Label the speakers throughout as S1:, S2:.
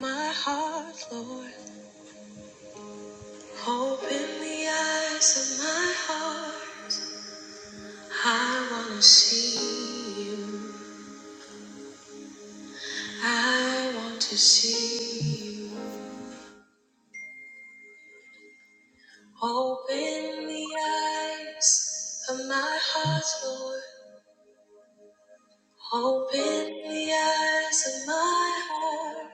S1: My heart, Lord, open the eyes of my heart. I want to see you. I want to see you. Open the eyes of my heart, Lord. Open the eyes of my heart.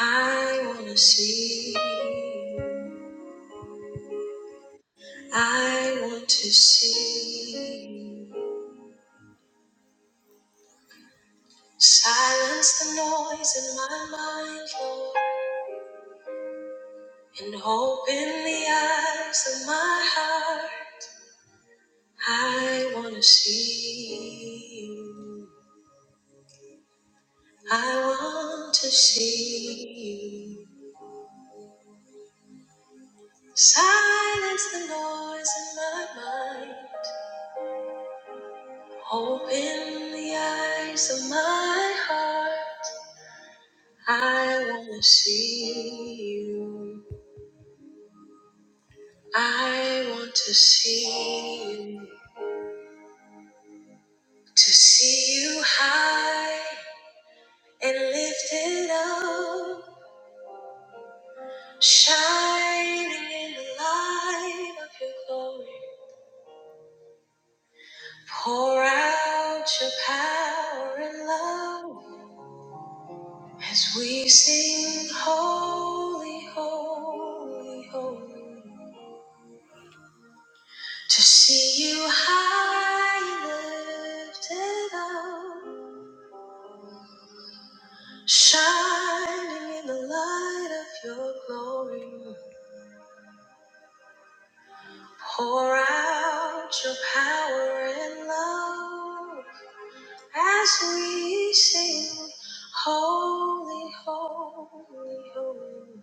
S1: I want to see you. I want to see you. Silence the noise in my mind, Lord. And open the eyes of my heart. I want to see you. I want to see you. Silence the noise in my mind. Open the eyes of my heart. I want to see you. I want to see you. To see you high and lifted up. Shining in the light of your glory, pour out your power and love as we sing, Holy, Holy, Holy. To see you high and lifted up, shining in the light of your glory. Pour out your power and love as we sing, Holy, Holy, Holy.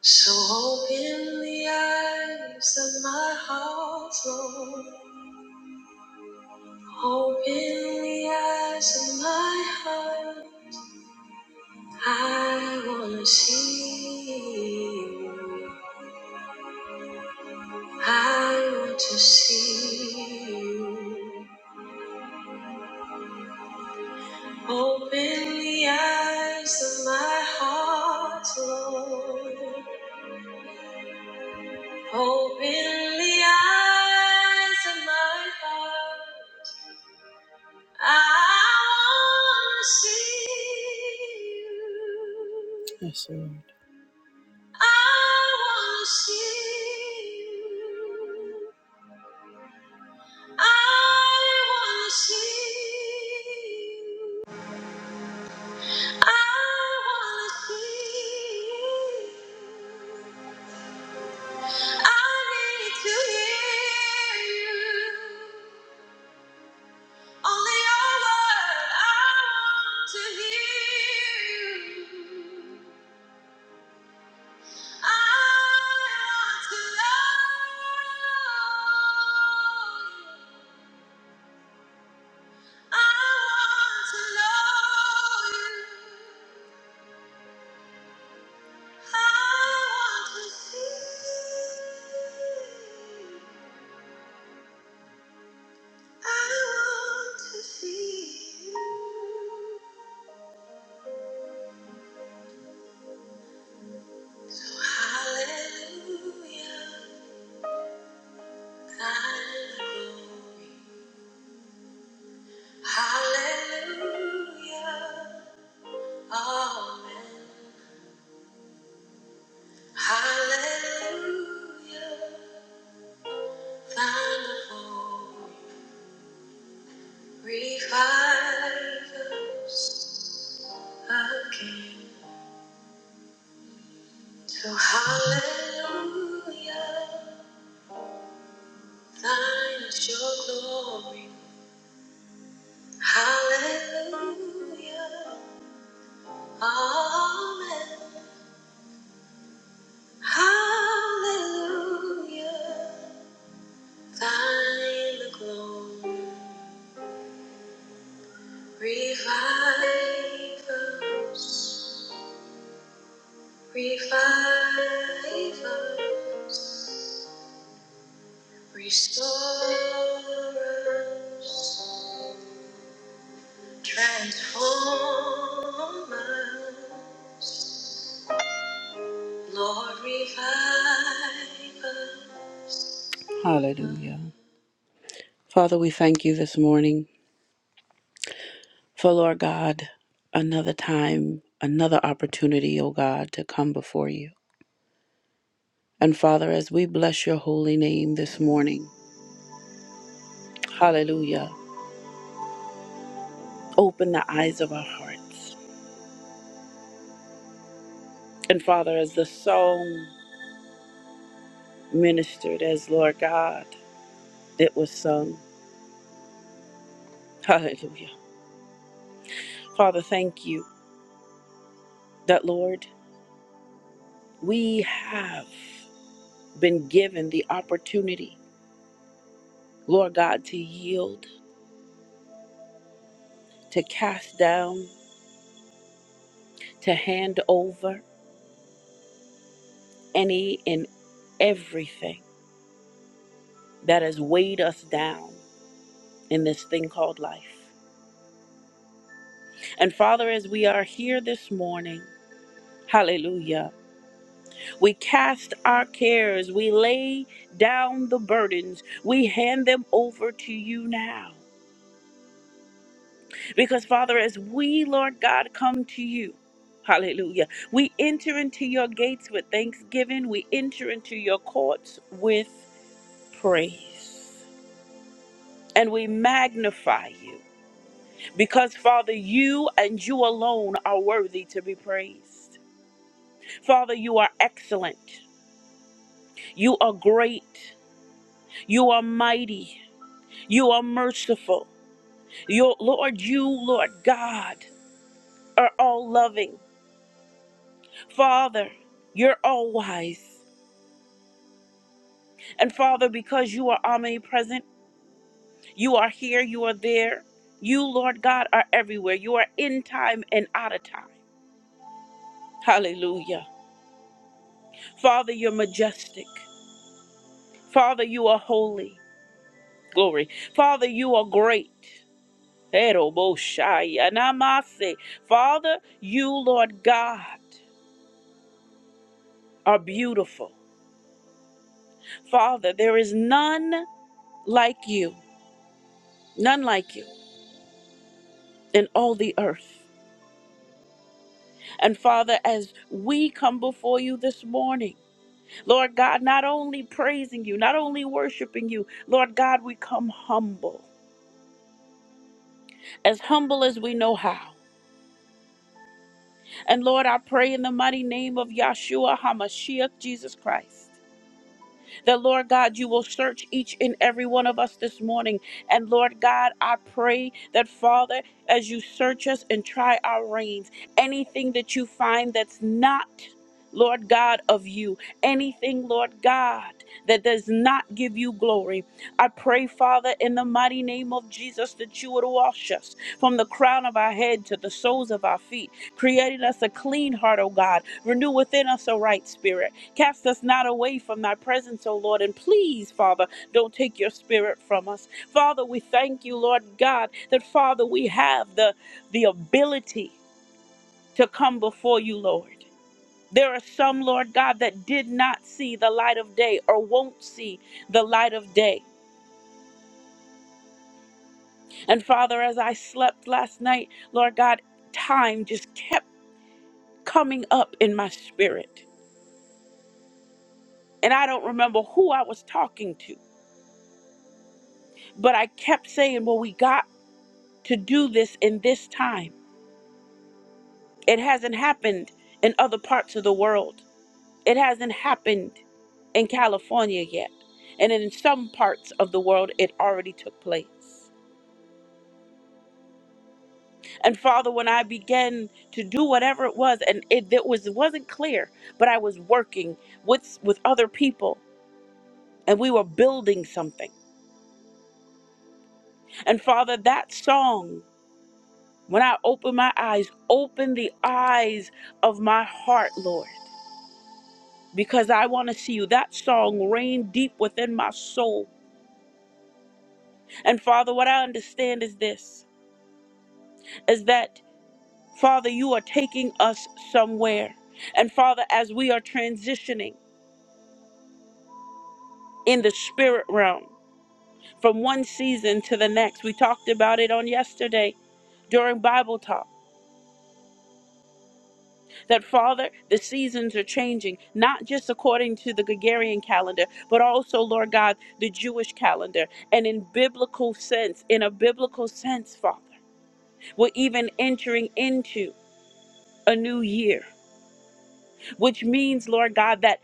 S1: So open the eyes of my heart, Lord. Open the eyes of my heart. I want to see you. I want to see you. Open the eyes of my heart, Lord. Open the eyes of my heart. I want to see you. I want to see you. I want to see you. I want to see you. I need to hear you. Only your word I want to hear you. I want to know you. I want to know you. I want to see. you. I want to see you. Hallelujah, thy glory. Hallelujah, amen. Hallelujah, thine glory. Revive again. So hallelujah, thine is your glory. Hallelujah, amen. Hallelujah, thine the glory. Revive us, revive us, restore us, transform us. Lord, revive us. Hallelujah. Father, we thank you this morning for, Lord God, another time, another opportunity, O God, to come before you. And Father, as we bless your holy name this morning, hallelujah, open the eyes of our hearts. And Father, as the song ministered, as Lord God, it was sung, hallelujah. Father, thank you that, Lord, we have been given the opportunity, Lord God, to yield, to cast down, to hand over any and everything that has weighed us down in this thing called life. And Father, as we are here this morning, hallelujah, we cast our cares, we lay down the burdens, we hand them over to you now. Because, Father, as we, Lord God, come to you, hallelujah, we enter into your gates with thanksgiving, we enter into your courts with praise, and we magnify you. Because, Father, you and you alone are worthy to be praised. Father, you are excellent. You are great. You are mighty. You are merciful. Your Lord, you, Lord God, are all loving. Father, you're all wise. And Father, because you are omnipresent, you are here, you are there. You, Lord God, are everywhere. You are in time and out of time. Hallelujah. Father, you're majestic. Father, you are holy. Glory. Father, you are great. Eroboshayanamase. Father, you, Lord God, are beautiful. Father, there is none like you, none like you in all the earth. And Father, as we come before you this morning, Lord God, not only praising you, not only worshiping you, Lord God, we come humble, as humble as we know how. And Lord, I pray in the mighty name of Yahshua HaMashiach, Jesus Christ. That, Lord God, you will search each and every one of us this morning. And, Lord God, I pray that, Father, as you search us and try our reins, anything that you find that's not, Lord God, of you, anything, Lord God, that does not give you glory, I pray, Father, in the mighty name of Jesus, that you would wash us from the crown of our head to the soles of our feet, creating us a clean heart, O God. Renew within us a right spirit. Cast us not away from thy presence, O Lord, and please, Father, don't take your spirit from us. Father, we thank you, Lord God, that Father, we have the the ability to come before you, Lord. There are some, Lord God, that did not see the light of day or won't see the light of day. And Father, as I slept last night, Lord God, time just kept coming up in my spirit. And I don't remember who I was talking to, but I kept saying, Well, we got to do this in this time. It hasn't happened in other parts of the world. It hasn't happened in California yet. And in some parts of the world, it already took place. And Father, when I began to do whatever it was, and it, it was it wasn't clear, but I was working with with other people, and we were building something. And Father, that song, when I opened my eyes, opened the eyes of my heart, Lord. because I want to see you. That song rained deep within my soul. And Father, what I understand is this is that Father, you are taking us somewhere. And Father, as we are transitioning in the spirit realm from one season to the next, we talked about it on yesterday during Bible talk that Father, the seasons are changing, not just according to the Gregorian calendar, but also, Lord God, the Jewish calendar, and in biblical sense, in a biblical sense, Father. We're even entering into a new year, which means, Lord God, that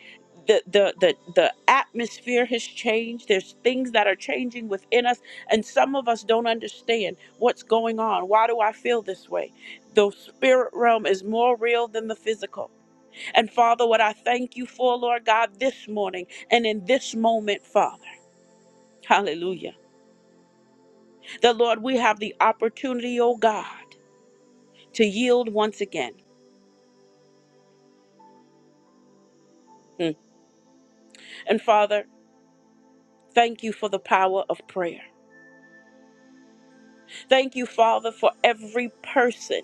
S1: the, the the the atmosphere has changed. There's things that are changing within us, and some of us don't understand what's going on. Why do I feel this way? The spirit realm is more real than the physical. And Father, what I thank you for, Lord God, this morning and in this moment, Father, hallelujah. That Lord, we have the opportunity, oh God, to yield once again. Mm. And Father, Thank you for the power of prayer. Thank you, Father, for every person,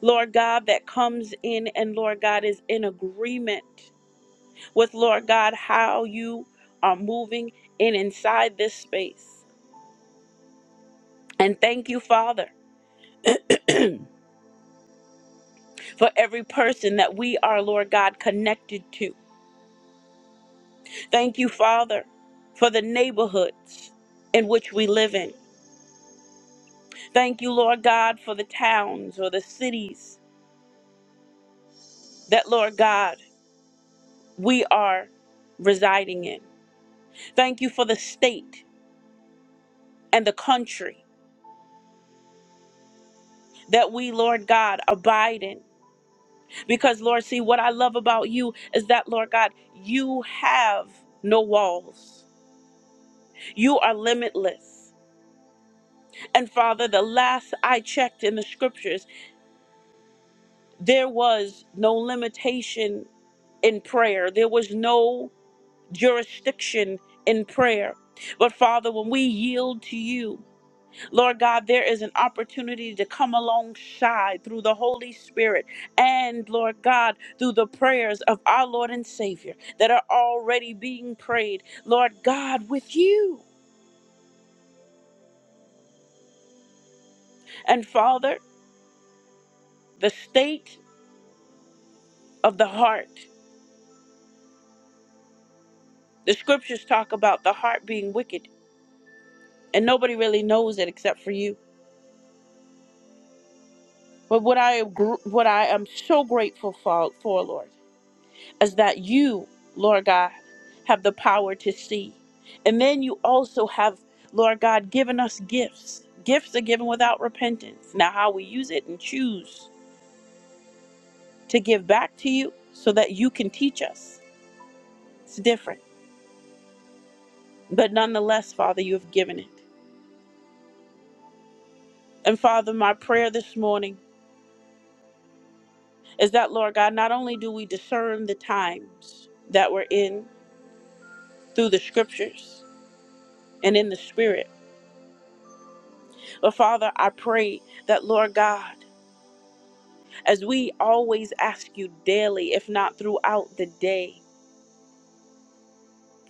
S1: Lord God, that comes in and, Lord God, is in agreement with, Lord God, how you are moving in inside this space. And thank you, Father, for every person that we are, Lord God, connected to. Thank you, Father, for the neighborhoods in which we live in. Thank you, Lord God, for the towns or the cities that, Lord God, we are residing in. Thank you for the state and the country that we, Lord God, abide in. Because, Lord, see, what I love about you is that, Lord God, you have no walls, you are limitless. And Father, the last I checked in the scriptures, there was no limitation in prayer, there was no jurisdiction in prayer. But Father, when we yield to you, Lord God, there is an opportunity to come alongside through the Holy Spirit and, Lord God, through the prayers of our Lord and Savior that are already being prayed, Lord God, with you. And Father, the state of the heart. The scriptures talk about the heart being wicked, and nobody really knows it except for you. But what I gr- what I am so grateful for, for Lord. as that you, Lord God, have the power to see. And then you also have, Lord God, given us gifts. Gifts are given without repentance. Now, how we use it and choose to give back to you so that you can teach us, it's different. But nonetheless, Father, you have given it. And Father, my prayer this morning is that, Lord God, not only do we discern the times that we're in through the scriptures and in the spirit, but Father, I pray that, Lord God, as we always ask you daily, if not throughout the day,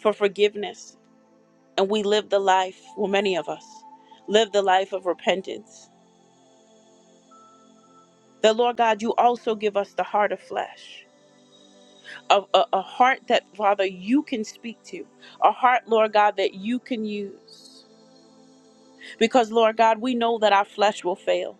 S1: for forgiveness. And we live the life, well, many of us live the life of repentance. That, Lord God, you also give us the heart of flesh, of a, a heart that, Father, you can speak to, a heart, Lord God, that you can use. Because, Lord God, we know that our flesh will fail.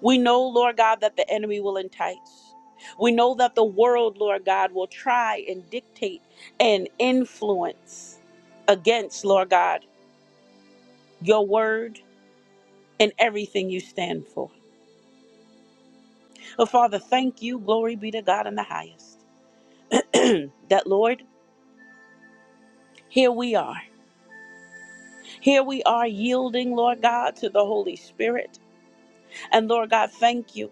S1: We know, Lord God, that the enemy will entice. We know that the world, Lord God, will try and dictate and influence against, Lord God, your word and everything you stand for. But Father, thank you. Glory be to God in the highest. that, Lord, here we are. Here we are yielding, Lord God, to the Holy Spirit. And Lord God, thank you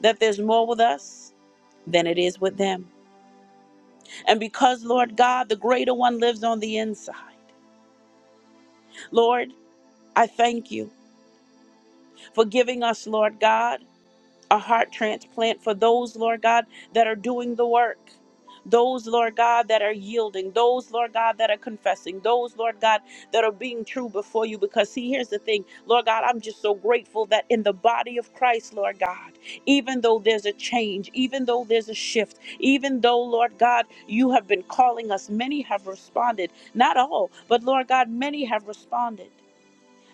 S1: that there's more with us than it is with them. And because, Lord God, the greater one lives on the inside. Lord, I thank you for giving us, Lord God, a heart transplant for those, Lord God, that are doing the work. Those, Lord God, that are yielding, those, Lord God, that are confessing, those, Lord God, that are being true before you. Because, see, here's the thing, Lord God, I'm just so grateful that in the body of Christ, Lord God, even though there's a change, even though there's a shift, even though, Lord God, you have been calling us, many have responded, not all, but Lord God, many have responded.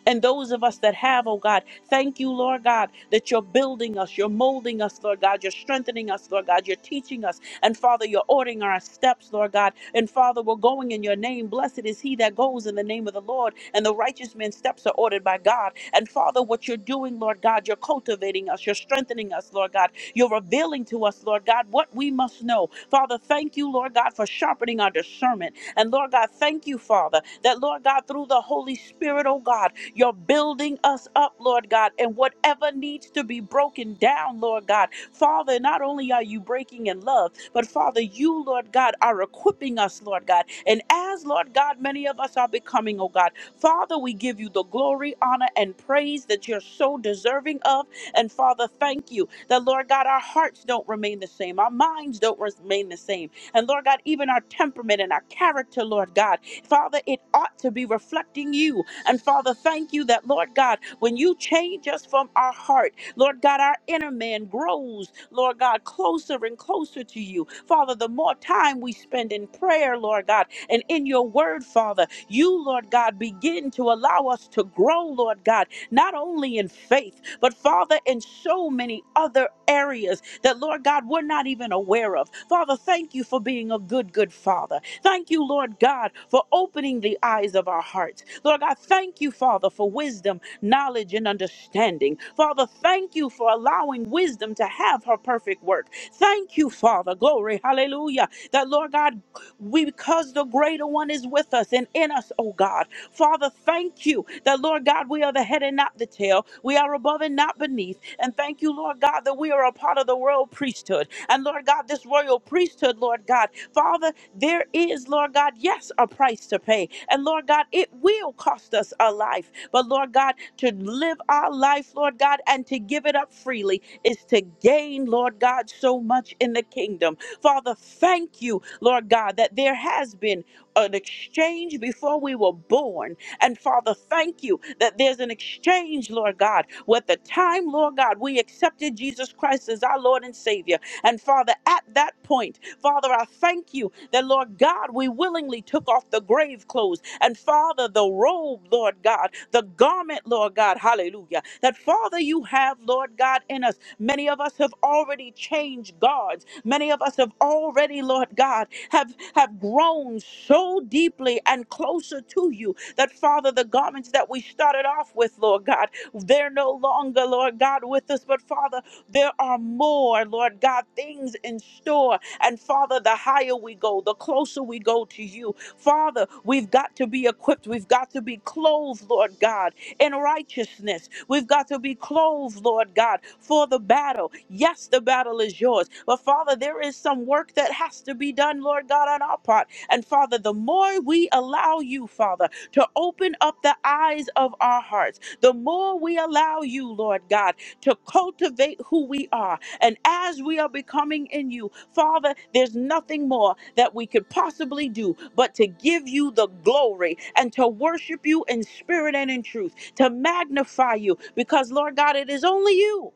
S1: And those of us that have, oh God, thank you, Lord God, that you're building us, you're molding us, Lord God, you're strengthening us, Lord God, you're teaching us. And Father, you're ordering our steps, Lord God. And Father, we're going in your name. Blessed is he that goes in the name of the Lord. And the righteous man's steps are ordered by God. And Father, what you're doing, Lord God, you're cultivating us, you're strengthening us, Lord God. You're revealing to us, Lord God, what we must know. Father, thank you, Lord God, for sharpening our discernment. And Lord God, thank you, Father, that Lord God, through the Holy Spirit, oh God, you're building us up, Lord God, and whatever needs to be broken down, Lord God. Father, not only are you breaking in love, but Father, you, Lord God, are equipping us, Lord God. And as, Lord God, many of us are becoming, oh God, Father, we give you the glory, honor, and praise that you're so deserving of. And Father, thank you that, Lord God, our hearts don't remain the same, our minds don't remain the same. And Lord God, even our temperament and our character, Lord God, Father, it ought to be reflecting you. And Father, thank you that, Lord God, when you change us from our heart, Lord God, our inner man grows, Lord God, closer and closer to you. Father, the more time we spend in prayer, Lord God, and in your word, Father, you, Lord God, begin to allow us to grow, Lord God, not only in faith, but Father, in so many other areas that, Lord God, we're not even aware of. Father, thank you for being a good, good Father. Thank you, Lord God, for opening the eyes of our hearts. Lord God, thank you, Father, for wisdom, knowledge, and understanding. Father, thank you for allowing wisdom to have her perfect work. Thank you, Father. Glory. Hallelujah. That, Lord God, we, because the greater one is with us and in us, oh God. Father, thank you that, Lord God, we are the head and not the tail. We are above and not beneath. And thank you, Lord God, that we are a part of the royal priesthood. And Lord God, this royal priesthood, Lord God, Father, there is, Lord God, yes, a price to pay. And Lord God, it will cost us a life. But Lord God, to live our life, Lord God, and to give it up freely is to gain, Lord God, so much in the kingdom. Father, thank you, Lord God, that there has been an exchange before we were born. And Father, thank you that there's an exchange, Lord God, with the time, Lord God, we accepted Jesus Christ as our Lord and Savior. And Father, at that point, Father, I thank you that, Lord God, we willingly took off the grave clothes and, Father, the robe, Lord God, the garment, Lord God, hallelujah. That, Father, you have, Lord God, in us. Many of us have already changed guards. Many of us have already, Lord God, have, have grown so deeply and closer to you that, Father, the garments that we started off with, Lord God, they're no longer, Lord God, with us, but, Father, there are more, Lord God, things in store and Father, the higher we go, the closer we go to you. Father, we've got to be equipped. We've got to be clothed, Lord God, in righteousness. We've got to be clothed, Lord God, for the battle. Yes, the battle is yours. But Father, there is some work that has to be done, Lord God, on our part. And Father, the more we allow you, Father, to open up the eyes of our hearts, the more we allow you, Lord God, to cultivate who we are, and as we are becoming in you, Father, there's nothing more that we could possibly do but to give you the glory and to worship you in spirit and in truth, to magnify you, because Lord God, it is only you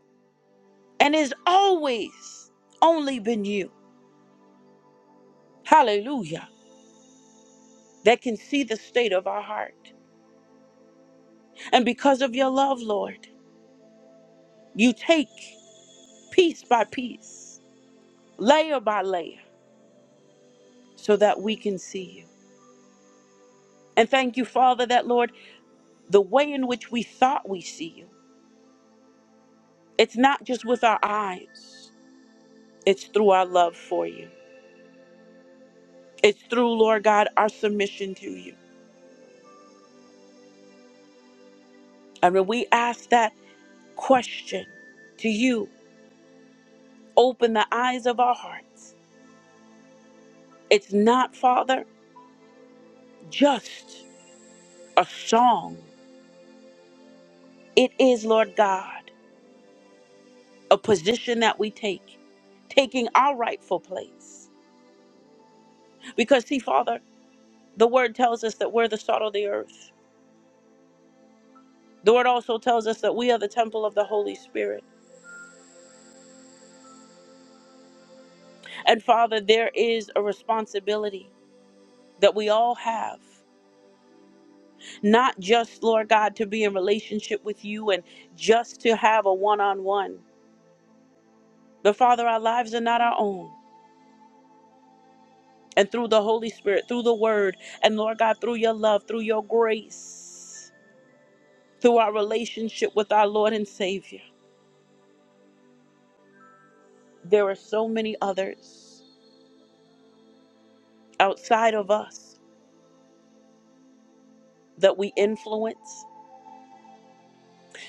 S1: and it's always only been you. Hallelujah. That can see the state of our heart. And because of your love, Lord, you take piece by piece, layer by layer, so that we can see you. And thank you, Father, that Lord. the way in which we thought we see you. It's not just with our eyes, it's through our love for you. It's through, Lord God, our submission to you. And when we ask that question to you, open the eyes of our hearts. It's not, Father, just a song. It is, Lord God, a position that we take, taking our rightful place. Because, see, Father, the word tells us that we're the salt of the earth. The word also tells us that we are the temple of the Holy Spirit. And Father, there is a responsibility that we all have, not just, Lord God, to be in relationship with you and just to have a one on one. But Father, our lives are not our own. And through the Holy Spirit, through the word, and Lord God, through your love, through your grace, through our relationship with our Lord and Savior, there are so many others outside of us that we influence,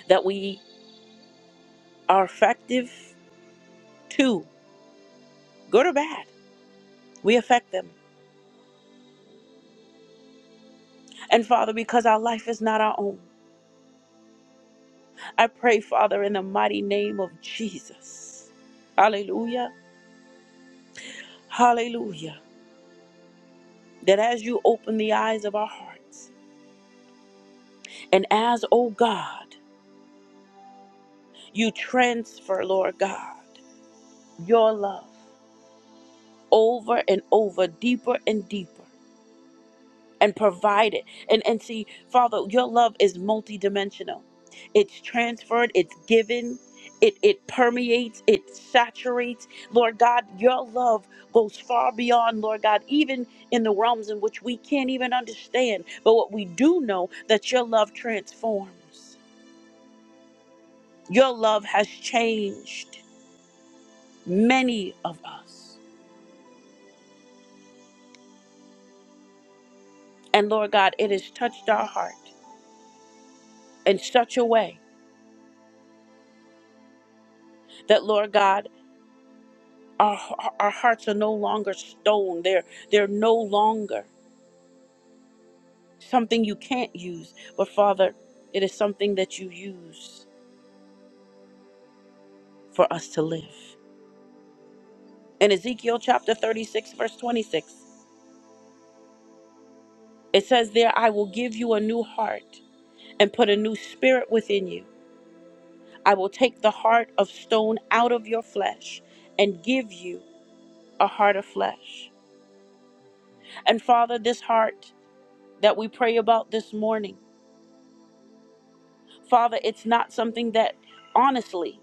S1: that we are effective, Two, good or bad, we affect them. And Father, because our life is not our own, I pray, Father, in the mighty name of Jesus. Hallelujah. Hallelujah. That as you open the eyes of our hearts, and as, oh God, you transfer, Lord God, your love over and over, deeper and deeper. and provide it. And and see, Father, your love is multidimensional. It's transferred, it's given, it it permeates, it saturates. Lord God, your love goes far beyond, Lord God, even in the realms in which we can't even understand. But what we do know that your love transforms. Your love has changed many of us. And Lord God, it has touched our heart in such a way that Lord God. Our, our hearts are no longer stone. They're, they're no longer something you can't use. But Father, it is something that you use for us to live. In Ezekiel chapter 36, verse 26, it says, There I will give you a new heart and put a new spirit within you. I will take the heart of stone out of your flesh and give you a heart of flesh. And Father, this heart that we pray about this morning. Father, it's not something that honestly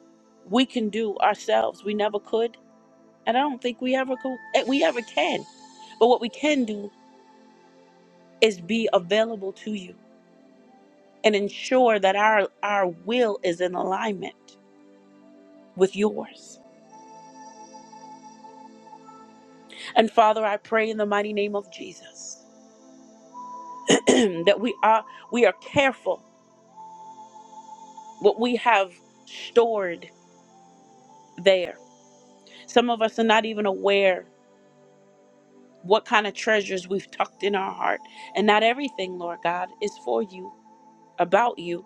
S1: we can do ourselves. We never could, and I don't think we ever could, we ever can. But what we can do is be available to you and ensure that our our will is in alignment with yours. And Father, I pray in the mighty name of Jesus that we are we are careful what we have stored there. Some of us are not even aware what kind of treasures we've tucked in our heart. And not everything, Lord God, is for you, about you.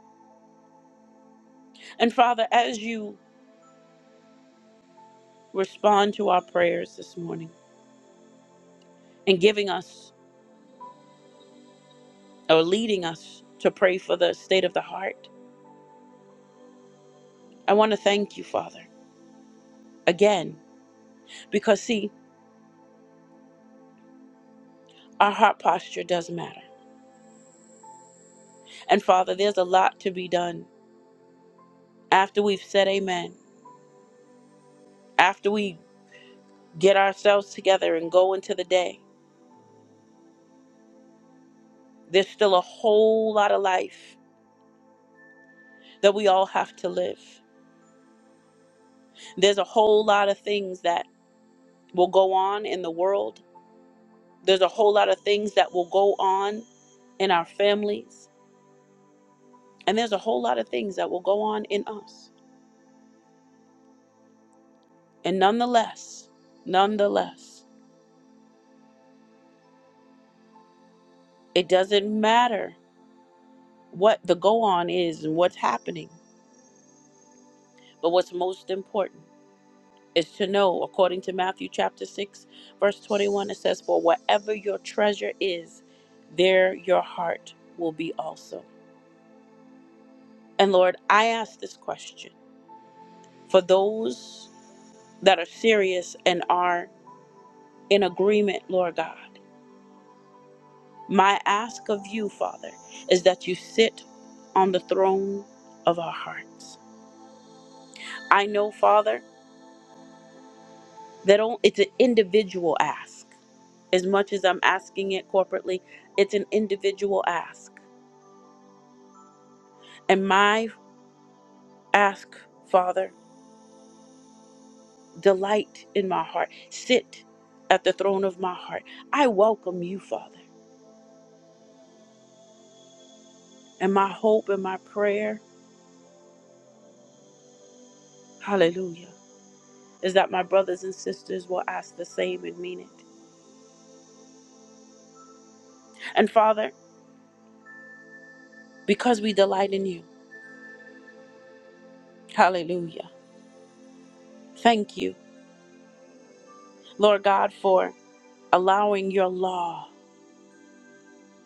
S1: And Father, as you respond to our prayers this morning and giving us or leading us to pray for the state of the heart, I want to thank you, Father, again, because see, our heart posture does matter. And Father, there's a lot to be done after we've said amen, after we get ourselves together and go into the day. There's still a whole lot of life that we all have to live. There's a whole lot of things that will go on in the world. There's a whole lot of things that will go on in our families. And there's a whole lot of things that will go on in us. And nonetheless, nonetheless, it doesn't matter what the go on is and what's happening. But what's most important is to know, according to Matthew chapter 6, verse 21, it says, For wherever your treasure is, there your heart will be also. And Lord, I ask this question. for those that are serious and are in agreement, Lord God. My ask of you, Father, is that you sit on the throne of our hearts. I know, Father, that on- it's an individual ask. As much as I'm asking it corporately, it's an individual ask. And my ask, Father, delight in my heart. Sit at the throne of my heart. I welcome you, Father. And my hope and my prayer, hallelujah is that my brothers and sisters will ask the same and mean it. And Father, because we delight in you, hallelujah. Thank you, Lord God, for allowing your law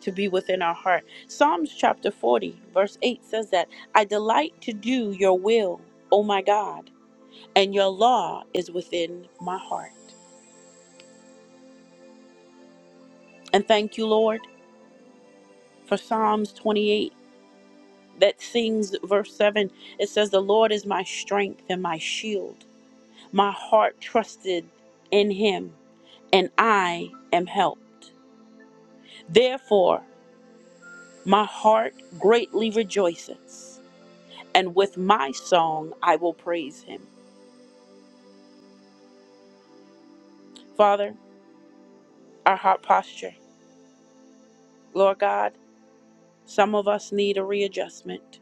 S1: to be within our heart. Psalms chapter 40, verse 8 says that I delight to do your will, O my God, and your law is within my heart. And thank you, Lord, for Psalms 28 that sings verse 7. It says, The Lord is my strength and my shield. My heart trusted in him, and I am helped. Therefore, my heart greatly rejoices, and with my song I will praise him. Father, our heart posture. Lord God, some of us need a readjustment.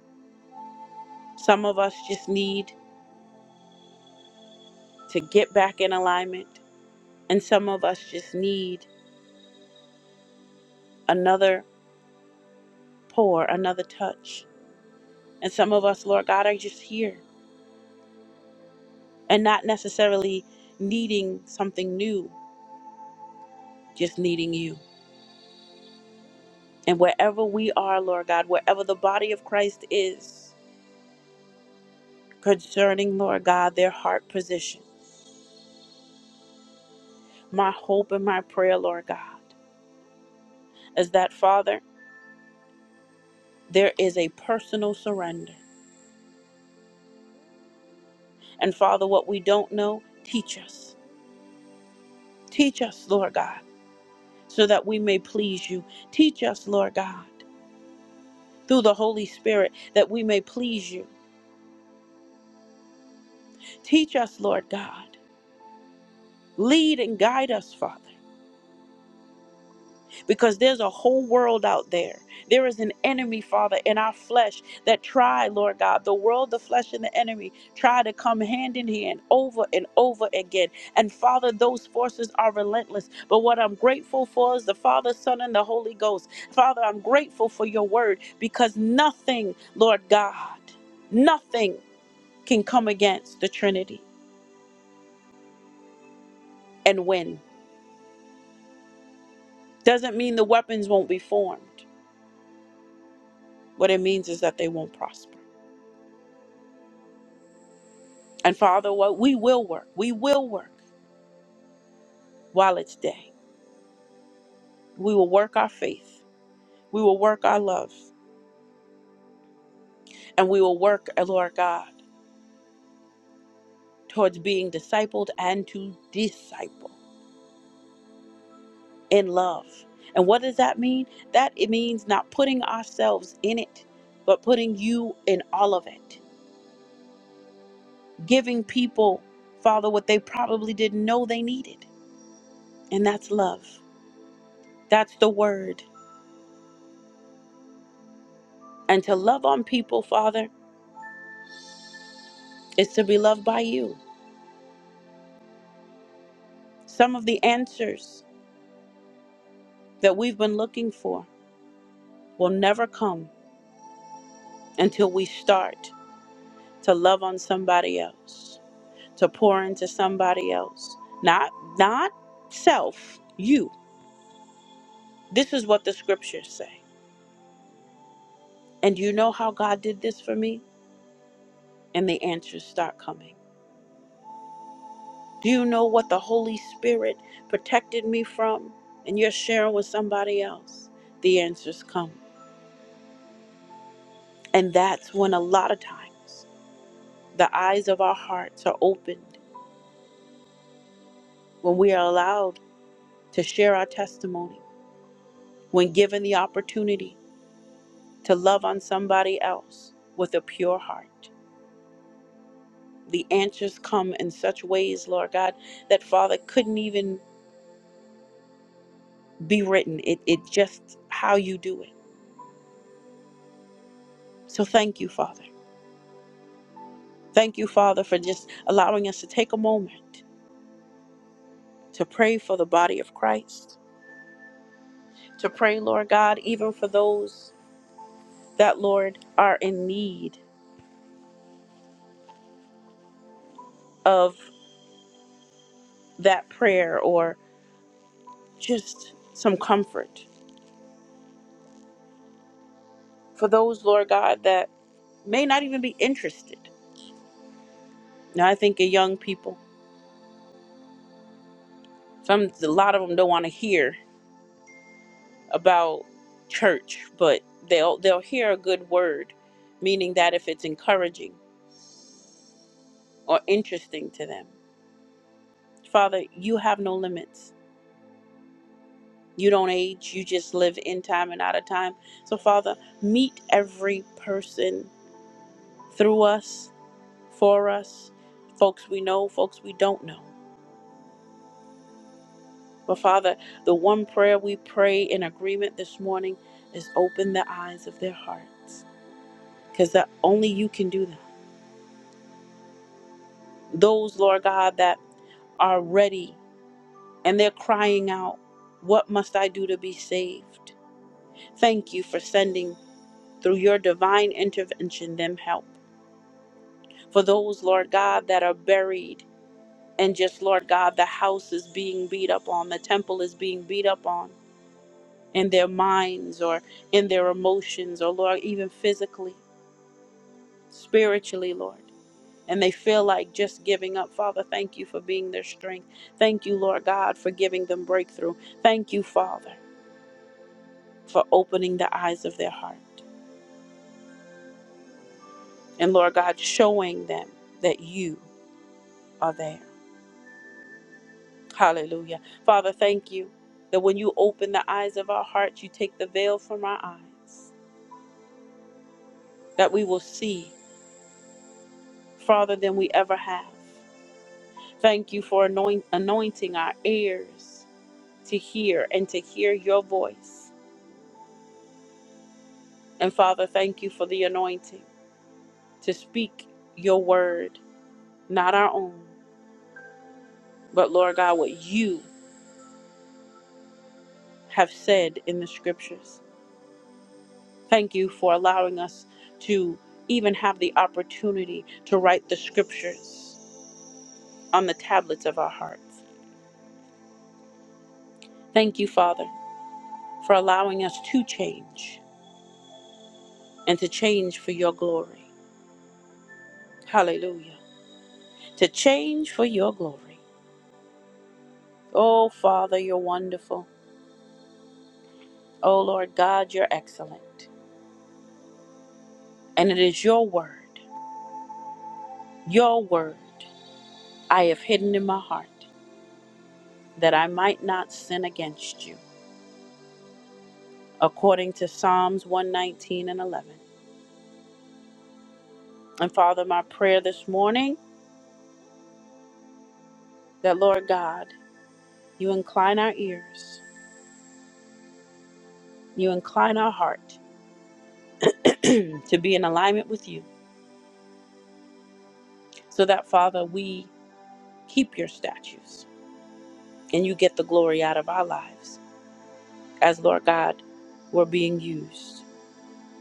S1: Some of us just need to get back in alignment. And some of us just need another pour, another touch. And some of us, Lord God, are just here and not necessarily needing something new. just needing you. And wherever we are, Lord God, wherever the body of Christ is concerning, Lord God, their heart position, my hope and my prayer, Lord God, is that, Father, there is a personal surrender. And Father, what we don't know, teach us. Teach us, Lord God, so that we may please you. Teach us, Lord God, through the Holy Spirit, that we may please you. Teach us, Lord God. Lead and guide us, Father. because there's a whole world out there. There is an enemy, Father, in our flesh that try, Lord God, the world, the flesh, and the enemy try to come hand in hand over and over again. And Father, those forces are relentless. But what I'm grateful for is the Father, Son, and the Holy Ghost. Father, I'm grateful for your word because nothing, Lord God, nothing can come against the Trinity and win. Doesn't mean the weapons won't be formed. What it means is that they won't prosper. And Father, what we will work, we will work while it's day. We will work our faith, we will work our love, and we will work, uh, Lord God, towards being discipled and to disciple in love. And what does that mean? That it means not putting ourselves in it, but putting you in all of it, giving people, Father, what they probably didn't know they needed. And that's love. That's the word. And to love on people, Father, is to be loved by you. Some of the answers that we've been looking for will never come until we start to love on somebody else, to pour into somebody else. Not not self, you. This is what the scriptures say. And do you know how God did this for me? And the answers start coming. Do you know what the Holy Spirit protected me from? And you're sharing with somebody else. The answers come. And that's when a lot of times the eyes of our hearts are opened when we are allowed to share our testimony, when given the opportunity to love on somebody else with a pure heart. The answers come in such ways, Lord God, that Father couldn't even be written. It, it just how you do it. So thank you, Father. Thank you, Father, for just allowing us to take a moment to pray for the body of Christ, to pray, Lord God, even for those that, Lord, are in need of that prayer or. just some comfort for those, Lord God, that may not even be interested. Now, I think of young people. Some, a lot of them don't want to hear about church, but they'll they'll hear a good word, meaning that if it's encouraging or interesting to them, Father, you have no limits. You don't age. You just live in time and out of time. So, Father, meet every person through us, for us, folks we know, folks we don't know. But Father, the one prayer we pray in agreement this morning is open the eyes of their hearts because that only you can do that. Those, Lord God, that are ready and they're crying out, What must I do to be saved? Thank you for sending through your divine intervention them help. For those, Lord God, that are buried and just, Lord God, the house is being beat up on, the temple is being beat up on in their minds or in their emotions or, Lord, even physically. spiritually, Lord. And they feel like just giving up. Father, thank you for being their strength. Thank you, Lord God, for giving them breakthrough. Thank you, Father, for opening the eyes of their heart. And Lord God, showing them that you are there. Hallelujah. Father, thank you that when you open the eyes of our hearts, you take the veil from our eyes, that we will see farther than we ever have. Thank you for anoint- anointing our ears to hear and to hear your voice. And Father, thank you for the anointing to speak your word, not our own, but Lord God, what you have said in the scriptures. Thank you for allowing us to even have the opportunity to write the scriptures on the tablets of our hearts. Thank you, Father, for allowing us to change and to change for your glory. Hallelujah. To change for your glory. Oh, Father, you're wonderful. Oh, Lord God, you're excellent. And it is your word, your word, I have hidden in my heart that I might not sin against you, according to Psalms 119 and 11. And Father, my prayer this morning that, Lord God, you incline our ears, you incline our heart to be in alignment with you, so that, Father, we keep your statutes and you get the glory out of our lives, as, Lord God, we're being used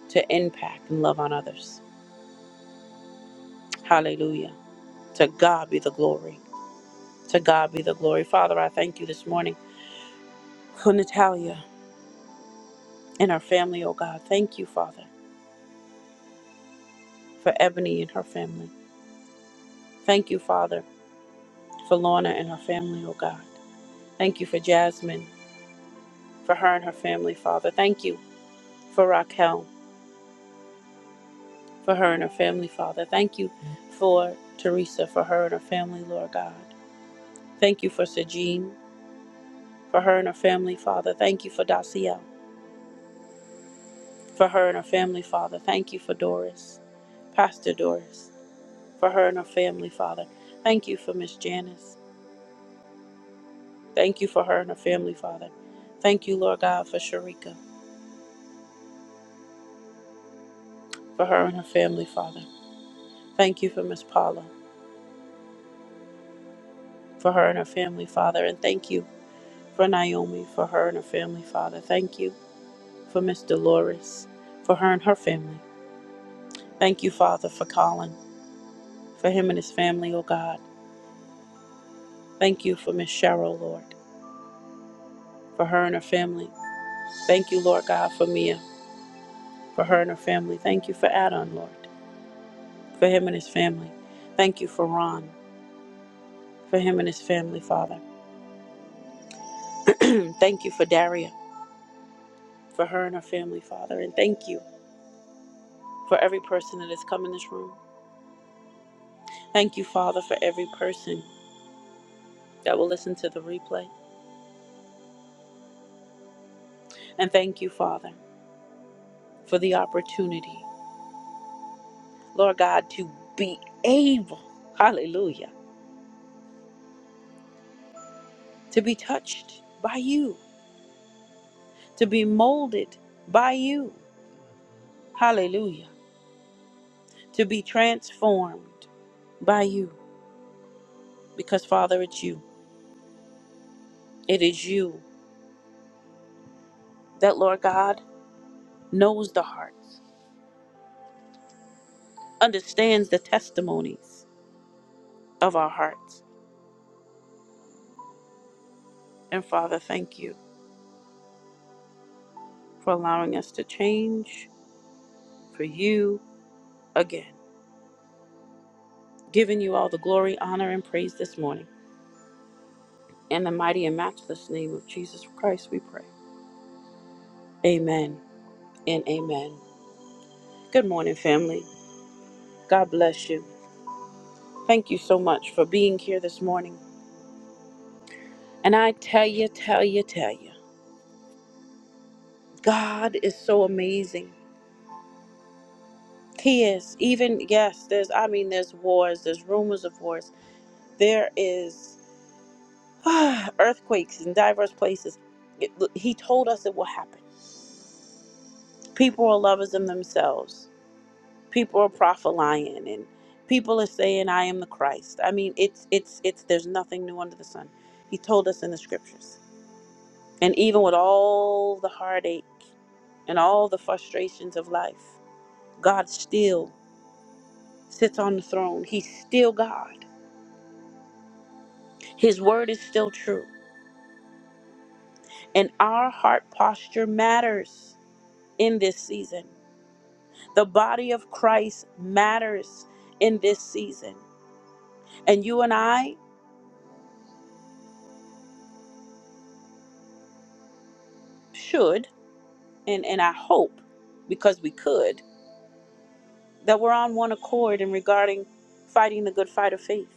S1: to impact and love on others. Hallelujah. To God be the glory. To God be the glory. Father, I thank you this morning for Natalia and her family, oh God. Thank you, Father, for Ebony and her family. Thank you, Father, for Lorna and her family, oh God. Thank you for Jasmine, for her and her family, Father. Thank you for Raquel, for her and her family, Father. Thank you for Teresa, for her and her family, Lord God. Thank you for Sejean, for her and her family, Father. Thank you for Dacia. for her and her family, Father. Thank you for Doris, Pastor Doris, for her and her family, Father. Thank you for Miss Janice. Thank you for her and her family, Father. Thank you, Lord God, for Sharika, for her and her family, Father. Thank you for Miss Paula, for her and her family, Father. And thank you for Naomi, for her and her family, Father. Thank you for Miss Dolores, for her and her family. Thank you, Father, for Colin, for him and his family, oh God. Thank you for Miss Cheryl, Lord, for her and her family. Thank you, Lord God, for Mia, for her and her family. Thank you for Adon, Lord, for him and his family. Thank you for Ron, for him and his family, Father. thank you for Daria, for her and her family, Father. And thank you for every person that has come in this room. Thank you, Father, for every person that will listen to the replay. And thank you, Father, for the opportunity, Lord God, to be able, hallelujah, to be touched by you, to be molded by you. Hallelujah. to be transformed by you because, Father, it's you. It is you that, Lord God, knows the hearts, understands the testimonies of our hearts. And, Father, thank you for allowing us to change for you again, giving you all the glory, honor, and praise this morning. In the mighty and matchless name of Jesus Christ, we pray. Amen and amen. Good morning, family. God bless you. Thank you so much for being here this morning. And I tell you, tell you, tell you, God is so amazing. He is. Even, yes, there's, I mean, there's wars, there's rumors of wars, there is ah, earthquakes in diverse places. It, he told us it will happen. People are lovers of themselves, people are prophesying, and people are saying, I am the Christ. I mean, it's, it's, it's, there's nothing new under the sun. He told us in the scriptures. And even with all the heartache and all the frustrations of life. God still sits on the throne. He's still God. His word is still true. And our heart posture matters in this season. The body of Christ matters in this season. And you and I should, and, and I hope, because we could, that we're on one accord in regarding fighting the good fight of faith,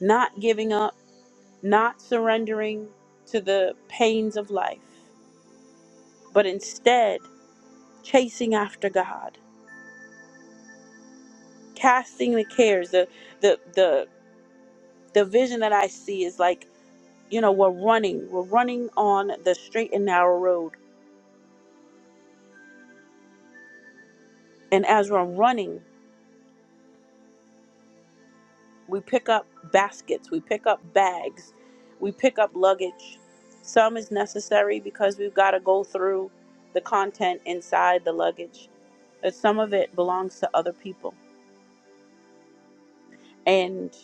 S1: not giving up, not surrendering to the pains of life, but instead chasing after God casting the cares the the the the vision that i see is like you know we're running we're running on the straight and narrow road and as we're running we pick up baskets we pick up bags we pick up luggage some is necessary because we've got to go through the content inside the luggage but some of it belongs to other people and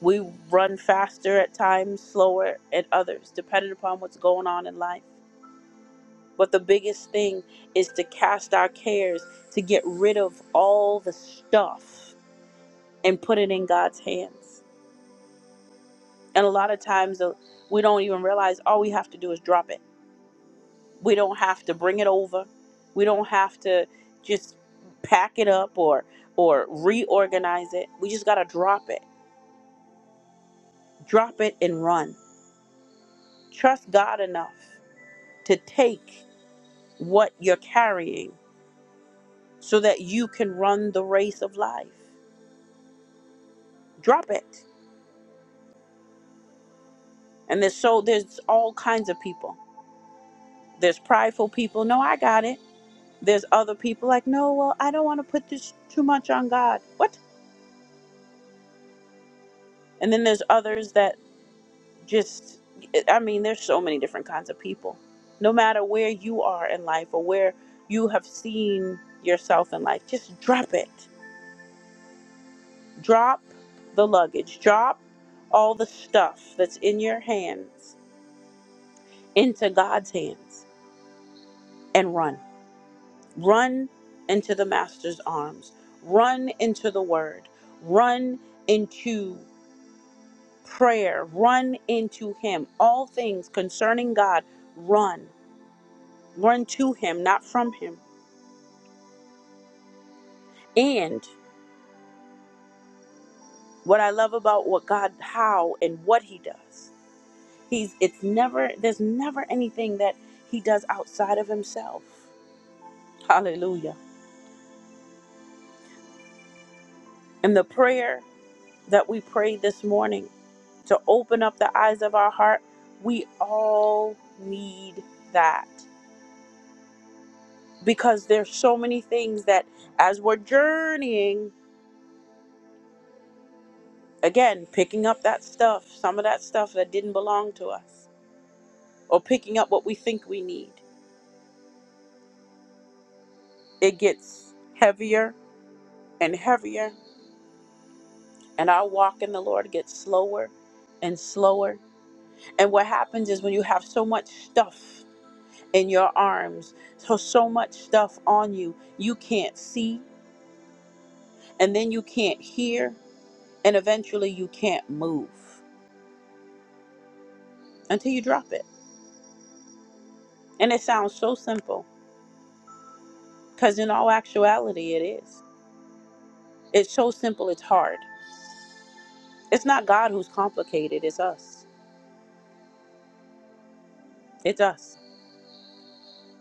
S1: we run faster at times slower at others depending upon what's going on in life But the biggest thing is to cast our cares, to get rid of all the stuff and put it in God's hands. And a lot of times uh, we don't even realize all we have to do is drop it. We don't have to bring it over. We don't have to just pack it up or or reorganize it. We just got to drop it. Drop it and run. Trust God enough to take what you're carrying so that you can run the race of life. Drop it And there's so there's all kinds of people. There's prideful people. No, I got it. There's other people like, no, well, I don't want to put this too much on God. What? And then there's others that just, I mean, there's so many different kinds of people. No matter where you are in life or where you have seen yourself in life, just drop it. Drop the luggage. Drop all the stuff that's in your hands into God's hands and run Run into the Master's arms. Run into the Word. Run into prayer. Run into Him. All things concerning God, run. Run to Him, not from Him. And what I love about what God, how and what He does, He's, it's never, there's never anything that He does outside of Himself. Hallelujah. And the prayer that we prayed this morning to open up the eyes of our heart. We all need that because there's so many things that as we're journeying, again, picking up that stuff, some of that stuff that didn't belong to us, or picking up what we think we need, it gets heavier and heavier, and our walk in the Lord gets slower and slower. And what happens is when you have so much stuff in your arms, so so much stuff on you, you can't see and then you can't hear, and eventually you can't move until you drop it. And it sounds so simple, because in all actuality, it is. It's so simple, it's hard. It's not God who's complicated, it's us. It's us.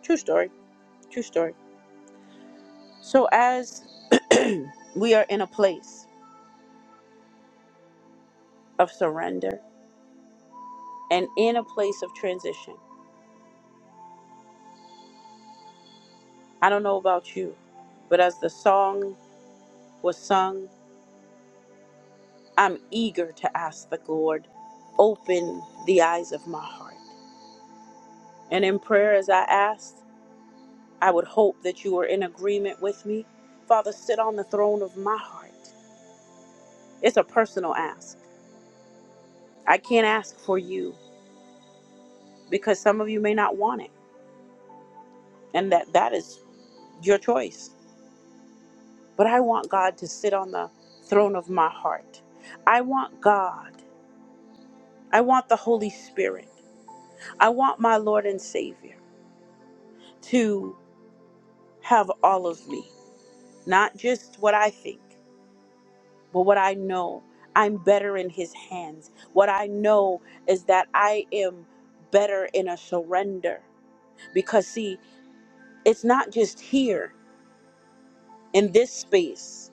S1: True story. True story. So, as we are in a place of surrender and in a place of transition, I don't know about you, but as the song was sung, I'm eager to ask the Lord, open the eyes of my heart. And in prayer, as I asked, I would hope that you are in agreement with me. Father, sit on the throne of my heart. It's a personal ask. I can't ask for you because some of you may not want it, and that that is your choice. But I want God to sit on the throne of my heart. I want God. I want the Holy Spirit. I want my Lord and Savior to have all of me. not just what I think, but what I know. I'm better in His hands. What I know is that I am better in a surrender. Because, see, it's not just here in this space.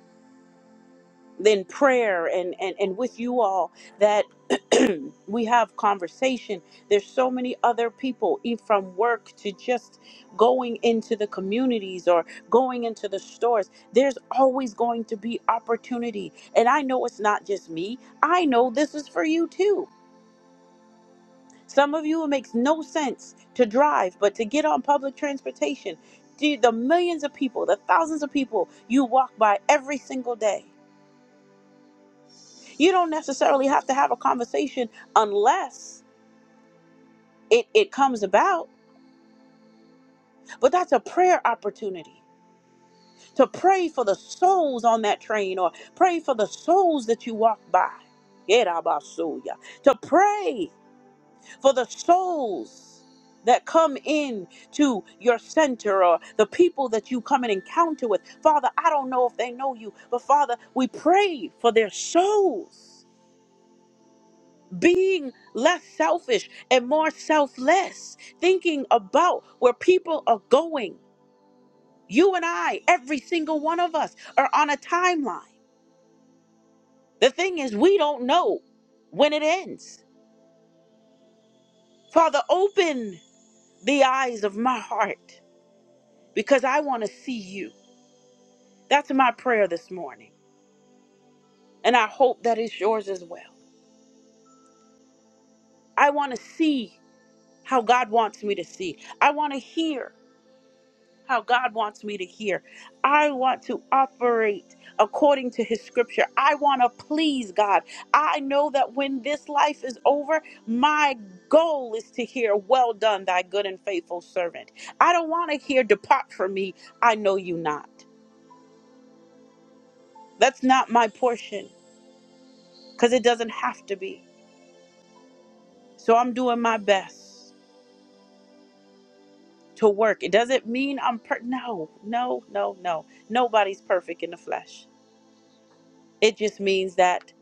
S1: in prayer and, and, and with you all that we have conversation. There's so many other people e- from work to just going into the communities or going into the stores. There's always going to be opportunity. And I know it's not just me. I know this is for you too. Some of you it makes no sense to drive, but to get on public transportation, the the millions of people, the thousands of people you walk by every single day You don't necessarily have to have a conversation unless it, it comes about, but that's a prayer opportunity to pray for the souls on that train or pray for the souls that you walk by. Yerabasuya. To pray for the souls that come in to your center or the people that you come and encounter with. Father, I don't know if they know you, but Father, we pray for their souls. being less selfish and more selfless, thinking about where people are going. You and I, every single one of us, are on a timeline. The thing is, we don't know when it ends. Father, open the eyes of my heart because I want to see you. That's my prayer this morning. And I hope that is yours as well. I want to see how God wants me to see. I want to hear. how God wants me to hear. I want to operate according to his scripture. I want to please God. I know that when this life is over, my goal is to hear, Well done, thy good and faithful servant. I don't want to hear, Depart from me, I know you not. That's not my portion because it doesn't have to be. So I'm doing my best to work. It doesn't mean I'm per- no, no, no, no. Nobody's perfect in the flesh. It just means that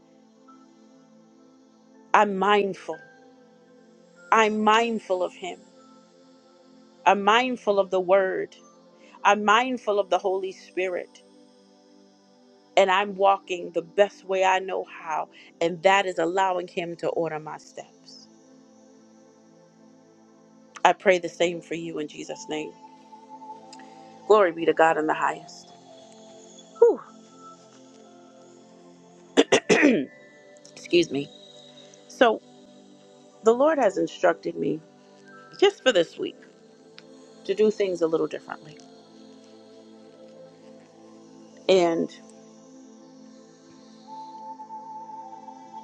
S1: I'm mindful I'm mindful of Him. I'm mindful of the Word. I'm mindful of the Holy Spirit. And I'm walking the best way I know how. And that is allowing Him to order my steps. I pray the same for you in Jesus' name. Glory be to God in the highest. Whew. Excuse me. So the Lord has instructed me just for this week to do things a little differently. And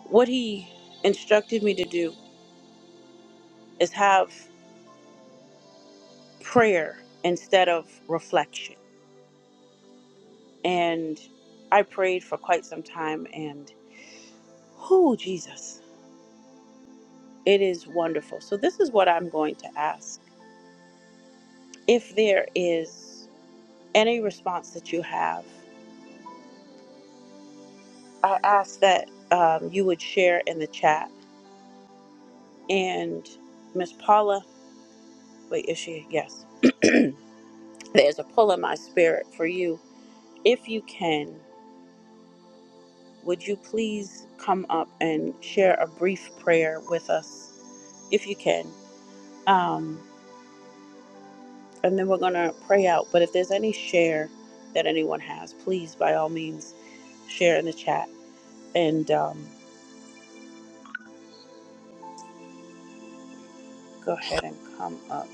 S1: what He instructed me to do is have prayer instead of reflection. And I prayed for quite some time and oh Jesus, it is wonderful. So this is what I'm going to ask. If there is any response that you have, I ask that um, you would share in the chat. And Miss Paula, wait, is she? Yes. There's a pull in my spirit for you. If you can, would you please come up and share a brief prayer with us, if you can? Um, and then we're going to pray out. But if there's any share that anyone has, please, by all means, share in the chat and um, go ahead and come up.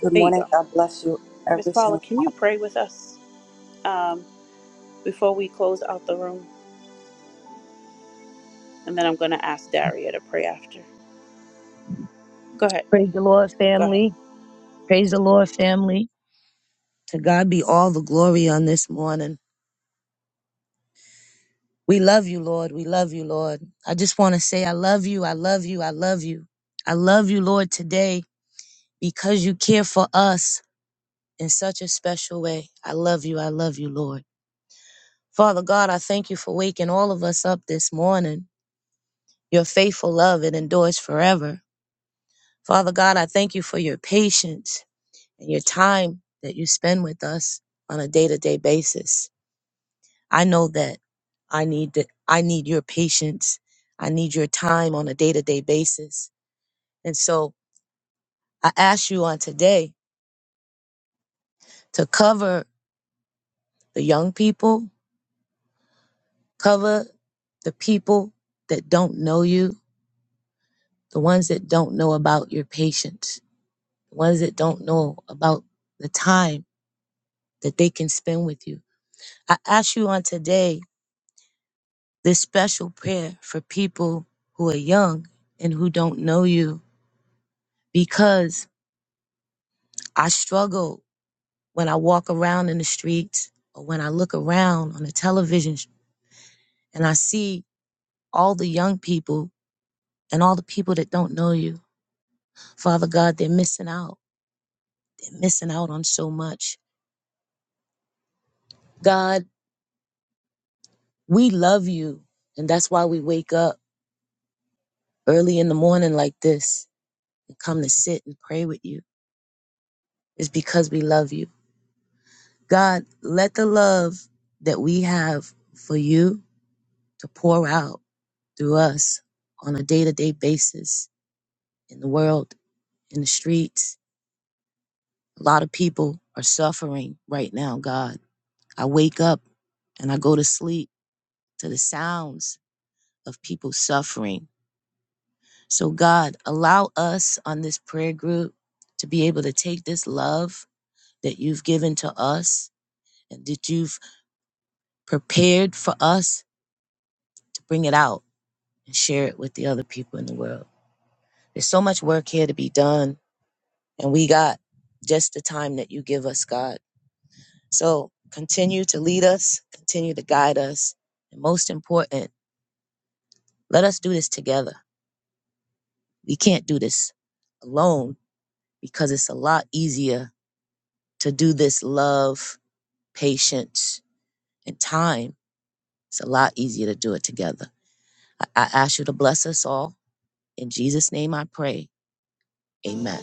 S2: Good
S1: There you
S2: morning.
S1: go.
S2: God bless you,
S1: Miss
S2: every
S1: Paula,
S2: single
S1: can
S2: one
S1: you
S2: of you.
S1: pray with us um, before we close out the room? And then I'm going to ask Daria to pray after. Go ahead.
S3: Praise the Lord,
S1: Go ahead.
S3: family. Praise the Lord, family. To God be all the glory on this morning. We love you, Lord. We love you, Lord. I just want to say, I love you. I love you. I love you. I love you, Lord, today because you care for us in such a special way. I love you. I love you, Lord. Father God, I thank you for waking all of us up this morning. Your faithful love, it endures forever. Father God, I thank you for your patience and your time that you spend with us on a day to day basis. I know that I need that I need your patience. I need your time on a day-to-day basis. And so I ask you on today to cover the young people, cover the people that don't know you, the ones that don't know about your patience, the ones that don't know about the time that they can spend with you. I ask you on today this special prayer for people who are young and who don't know you because I struggle When I walk around in the streets or when I look around on the television and I see all the young people and all the people that don't know you, Father God, they're missing out. They're missing out on so much. God, we love you. And that's why we wake up early in the morning like this and come to sit and pray with you. It's because we love you. God, let the love that we have for you to pour out through us on a day to day basis in the world in the streets. A lot of people are suffering right now, God. I wake up and I go to sleep to the sounds of people suffering. So, God, allow us on this prayer group to be able to take this love that you've given to us and that you've prepared for us to bring it out and share it with the other people in the world. There's so much work here to be done, and we got just the time that you give us, God. So continue to lead us, continue to guide us. And most important, let us do this together. We can't do this alone because it's a lot easier to do this love, patience, and time. It's a lot easier to do it together. I, I ask you to bless us all. In Jesus' name I pray. Amen.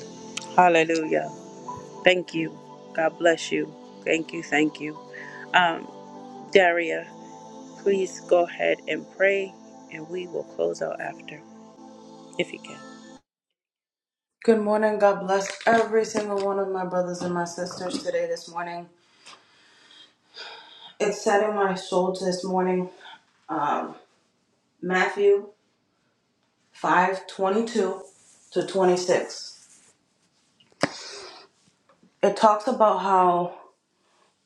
S1: Hallelujah. Thank you. God bless you. Thank you. Thank you. Um, Daria, please go ahead and pray, and we will close out after if you can.
S2: Good morning. God bless every single one of my brothers and my sisters today, this morning. It said in my soul this morning, um, Matthew 5:22 to 26. It talks about how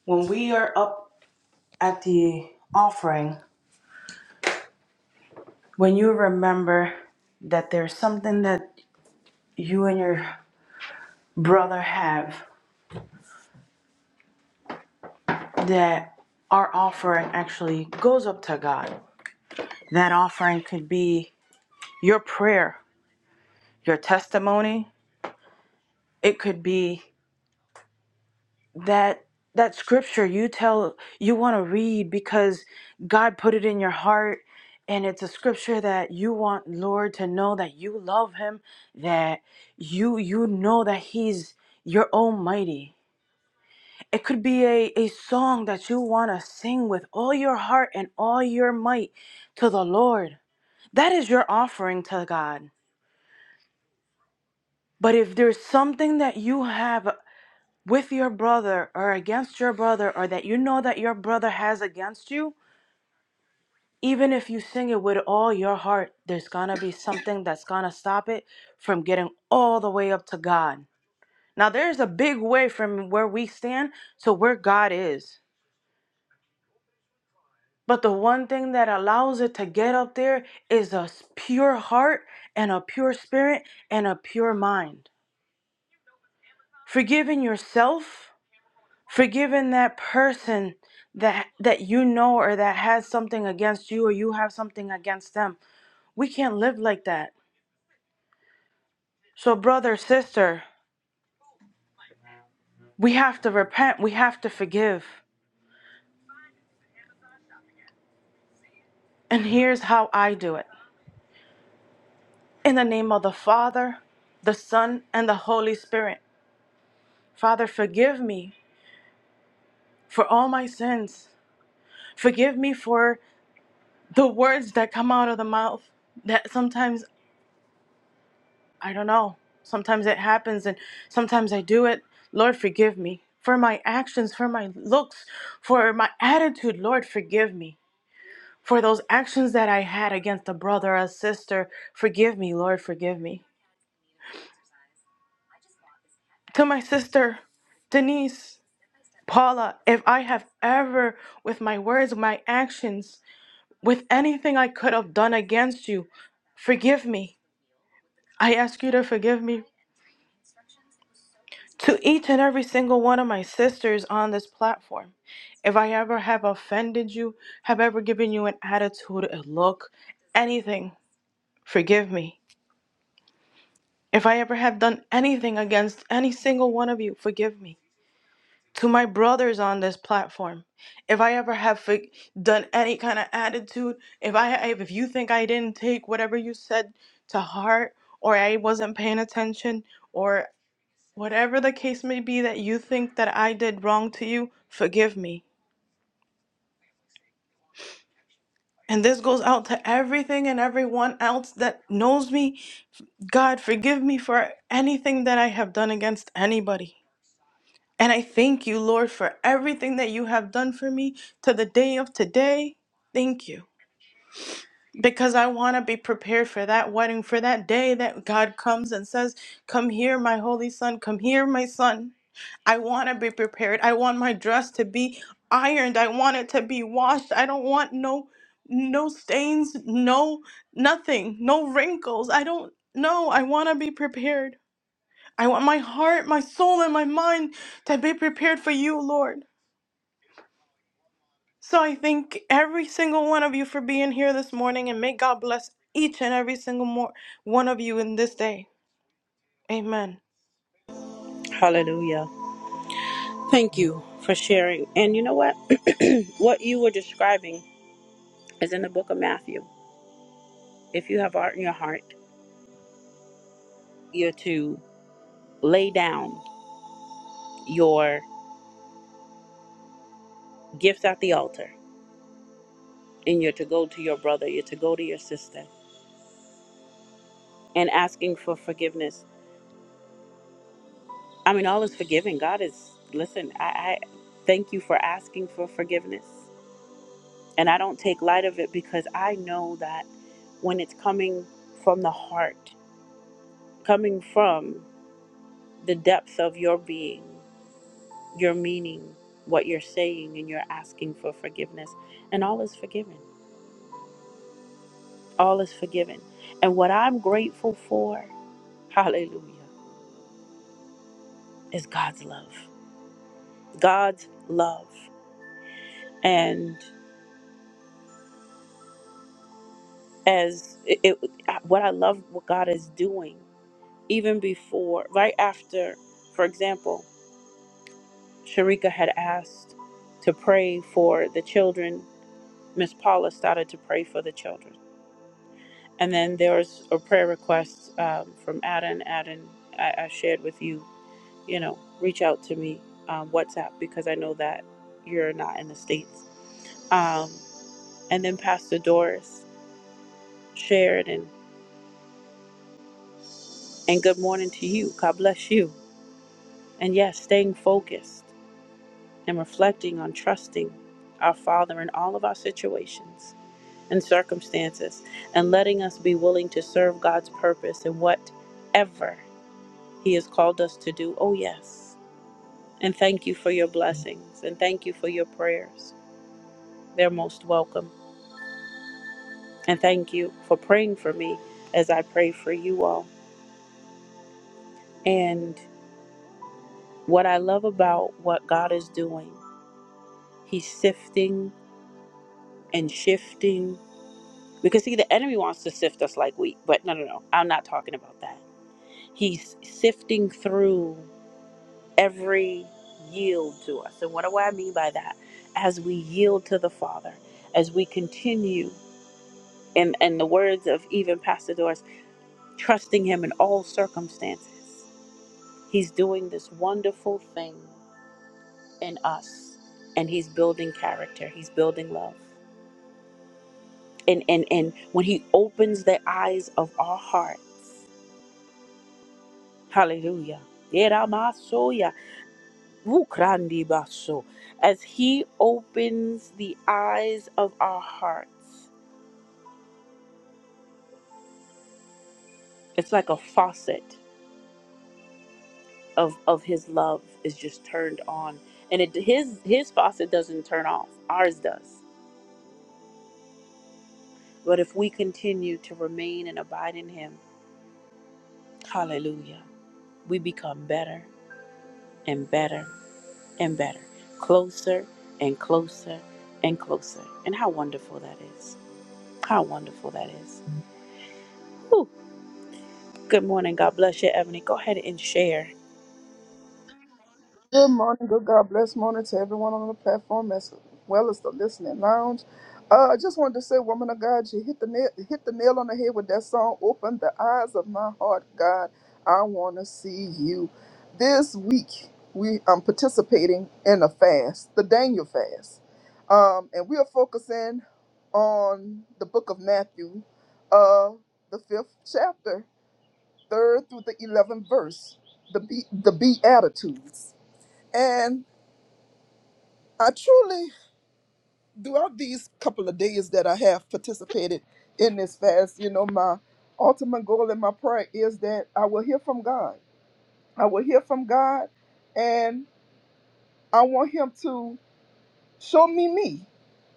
S2: when we are up at the offering, when you remember that there's something that you and your brother have that our offering actually goes up to God. That offering could be your prayer, your testimony. It could be that that scripture you tell you want to read because God put it in your heart and it's a scripture that you want Lord to know that you love him, that you you know that he's your almighty. It could be a, a song that you want to sing with all your heart and all your might to the Lord. That is your offering to God. But if there's something that you have with your brother or against your brother or that you know that your brother has against you, even if you sing it with all your heart, there's gonna be something that's gonna stop it from getting all the way up to God. Now, there's a big way from where we stand to where God is. But the one thing that allows it to get up there is a pure heart and a pure spirit and a pure mind. Forgiving yourself forgiving that person that that you know or that has something against you or you have something against them we can't live like that so brother sister we have to repent we have to forgive and here's how i do it in the name of the father the son and the holy spirit father forgive me for all my sins forgive me for the words that come out of the mouth that sometimes I don't know. Sometimes it happens and sometimes I do it. Lord, forgive me for my actions, for my looks, for my attitude. Lord, forgive me for those actions that I had against a brother or a sister. Forgive me, Lord, forgive me. To my sister, Denise, Paula, if I have ever, with my words, my actions, with anything I could have done against you, forgive me. I ask you to forgive me to each and every single one of my sisters on this platform. If I ever have offended you, have ever given you an attitude, a look, anything, forgive me. If I ever have done anything against any single one of you, forgive me. To my brothers on this platform, if I ever have for- done any kind of attitude, if I if you think I didn't take whatever you said to heart or I wasn't paying attention or Whatever the case may be that you think that I did wrong to you, forgive me. And this goes out to everything and everyone else that knows me. God, forgive me for anything that I have done against anybody. And I thank you, Lord, for everything that you have done for me to the day of today. Thank you. Because I want to be prepared for that wedding, for that day that God comes and says, Come here, my holy son, come here, my son. I want to be prepared. I want my dress to be ironed. I want it to be washed. I don't want no no stains, no nothing, no wrinkles. I don't know. I want to be prepared. I want my heart, my soul and my mind to be prepared for you, Lord. So I thank every single one of you for being here this morning and may God bless each and every single more one of you in this day. Amen.
S1: Hallelujah. Thank you for sharing. And you know what? what you were describing is in the book of Matthew. If you have art in your heart, you're to lay down your gifts at the altar and you're to go to your brother, you're to go to your sister and asking for forgiveness. I mean, all is forgiven. God is, listen, I, I thank you for asking for forgiveness. And I don't take light of it because I know that when it's coming from the heart, coming from the depths of your being, your meaning, what you're saying, and you're asking for forgiveness. And all is forgiven. All is forgiven. And what I'm grateful for, hallelujah, is God's love. God's love. And as it, it what I love what God is doing, even before, right after, for example, Sharika had asked to pray for the children, Miss Paula started to pray for the children. And then there was a prayer request um, from Adam. Adam, I, I shared with you, you know, reach out to me um, WhatsApp because I know that you're not in the states. Um, and then Pastor Doris shared and and good morning to you. God bless you. And yes, staying focused and reflecting on trusting our Father in all of our situations and circumstances, and letting us be willing to serve God's purpose in whatever He has called us to do. Oh, yes. And thank you for your blessings and thank you for your prayers. They're most welcome. And thank you for praying for me as I pray for you all. And what I love about what God is doing, He's sifting and shifting. Because, see, the enemy wants to sift us like wheat, but no, no, no. I'm not talking about that. He's sifting through. every yield to us. And what do I mean by that? As we yield to the Father, as we continue, in, in the words of even Pastor Doris, trusting Him in all circumstances, He's doing this wonderful thing in us. And He's building character, He's building love. And, and, and when He opens the eyes of our hearts, hallelujah. Vukrandi Basso, as he opens the eyes of our hearts it's like a faucet of of his love is just turned on and it his his faucet doesn't turn off ours does but if we continue to remain and abide in him hallelujah we become better and better and better closer and closer and closer and how wonderful that is how wonderful that is Whew. Good morning. God bless you, Ebony. Go ahead and share.
S4: Good morning, good God bless morning to everyone on the platform as well as the listening lounge. Uh, I just wanted to say, woman of God, you hit the nail, hit the nail on the head with that song. Open the eyes of my heart, God. I want to see you. This week, we I'm participating in a fast, the Daniel fast, um, and we are focusing on the book of Matthew, uh, the fifth chapter, third through the eleventh verse, the be, the Beatitudes. and I truly, throughout these couple of days that I have participated in this fast, you know, my ultimate goal and my prayer is that I will hear from God. I will hear from God, and I want Him to show me me,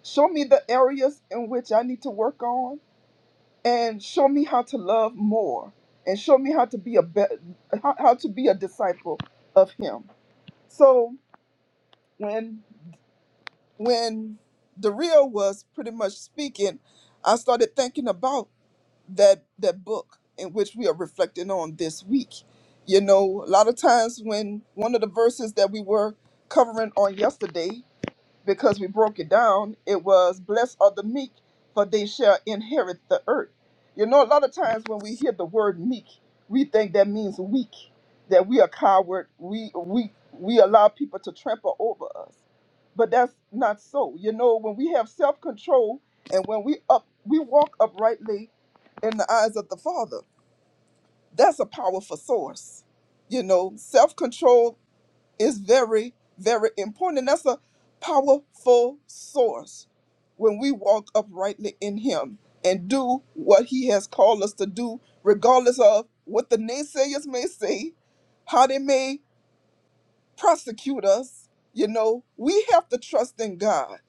S4: show me the areas in which I need to work on, and show me how to love more, and show me how to be a be- how, how to be a disciple of Him. So when when Dario was pretty much speaking, I started thinking about that that book in which we are reflecting on this week. You know, a lot of times when one of the verses that we were covering on yesterday because we broke it down, it was blessed are the meek, for they shall inherit the earth. You know, a lot of times when we hear the word meek, we think that means weak, that we are coward, we we we allow people to trample over us. But that's not so. You know, when we have self-control and when we up we walk uprightly in the eyes of the Father, that's a powerful source. You know, self-control is very, very important. And that's a powerful source when we walk uprightly in Him and do what He has called us to do, regardless of what the naysayers may say, how they may prosecute us. You know, we have to trust in God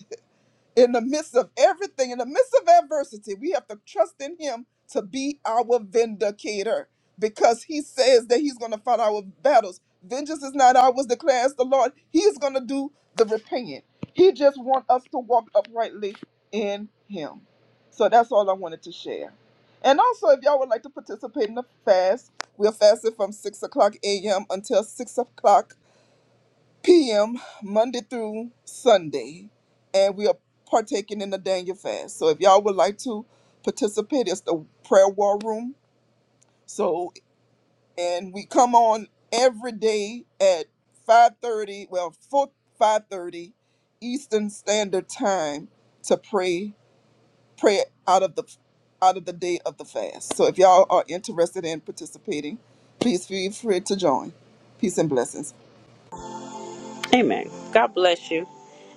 S4: in the midst of everything, in the midst of adversity, we have to trust in Him to be our vindicator because He says that He's going to fight our battles. Vengeance is not ours, declares the Lord. He is going to do the repaying. He just wants us to walk uprightly in Him. So that's all I wanted to share. And also, if y'all would like to participate in the fast, we're fasting from 6 o'clock a.m. until 6 o'clock p.m. Monday through Sunday, and we are partaking in the Daniel fast. So if y'all would like to participate, it's the prayer war room. So and we come on every day at 5:30, well, 4 5:30 Eastern Standard Time to pray pray out of the out of the day of the fast. So if y'all are interested in participating, please feel free to join. Peace and blessings.
S1: Amen. God bless you.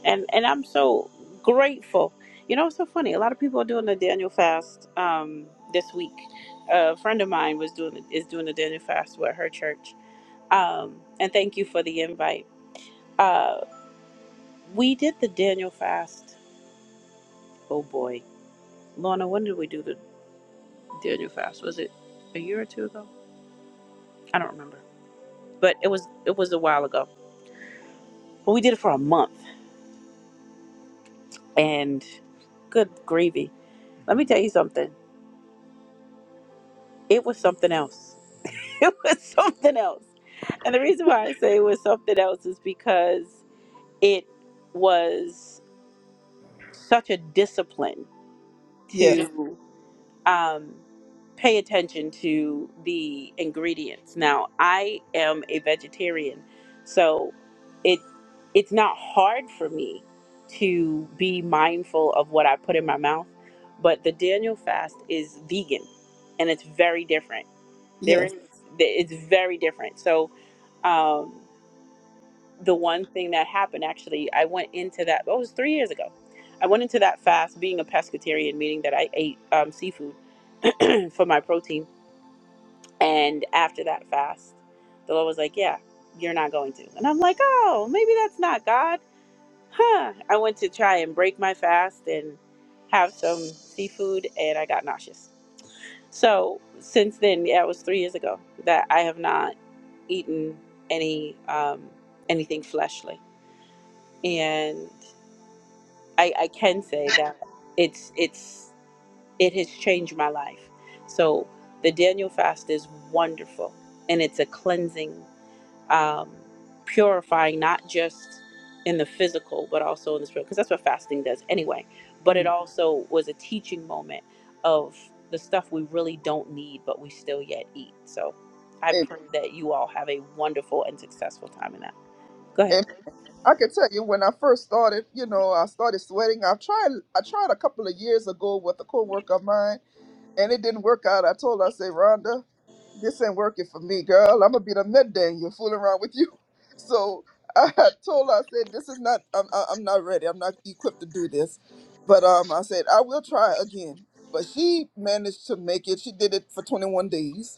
S1: And and I'm so grateful. You know, it's so funny. A lot of people are doing the Daniel fast um, this week. a friend of mine was doing is doing the Daniel fast with her church. Um, and thank you for the invite. Uh, we did the Daniel fast. Oh boy, Lorna, when did we do the Daniel fast? Was it a year or two ago? I don't remember, but it was it was a while ago. But we did it for a month And good gravy. Let me tell you something. It was something else. It was something else. And the reason why I say it was something else is because it was such a discipline to
S4: Yes,
S1: Yeah. um, pay attention to the ingredients. Now, I am a vegetarian, so it it's not hard for me to be mindful of what I put in my mouth. But the Daniel fast is vegan, and it's very different. There
S4: yes.
S1: is it's very different. So. Um, the one thing that happened actually i went into that oh, it was three years ago i went into that fast being a pescatarian meaning that i ate um, seafood for my protein and after that fast the lord was like yeah you're not going to and i'm like oh maybe that's not god huh i went to try and break my fast and have some seafood and i got nauseous so since then yeah it was three years ago that i have not eaten any um, anything fleshly and I, I can say that it's it's it has changed my life. So the Daniel fast is wonderful, and it's a cleansing, um, purifying, not just in the physical but also in the spirit, because that's what fasting does anyway. But it also was a teaching moment of the stuff we really don't need, but we still yet eat. So I
S4: Amen.
S1: pray that you all have a wonderful and successful time in that. Go ahead.
S4: I can tell you when I first started, you know, I started sweating. I've tried I tried a couple of years ago with a coworker of mine and it didn't work out. I told her, I said, Rhonda, this ain't working for me, girl. I'm gonna be the med dang you fooling around with you. So I told her, I said, this is not I'm I- I'm not ready. I'm not equipped to do this. But um I said, I will try again. But she managed to make it. She did it for twenty one days.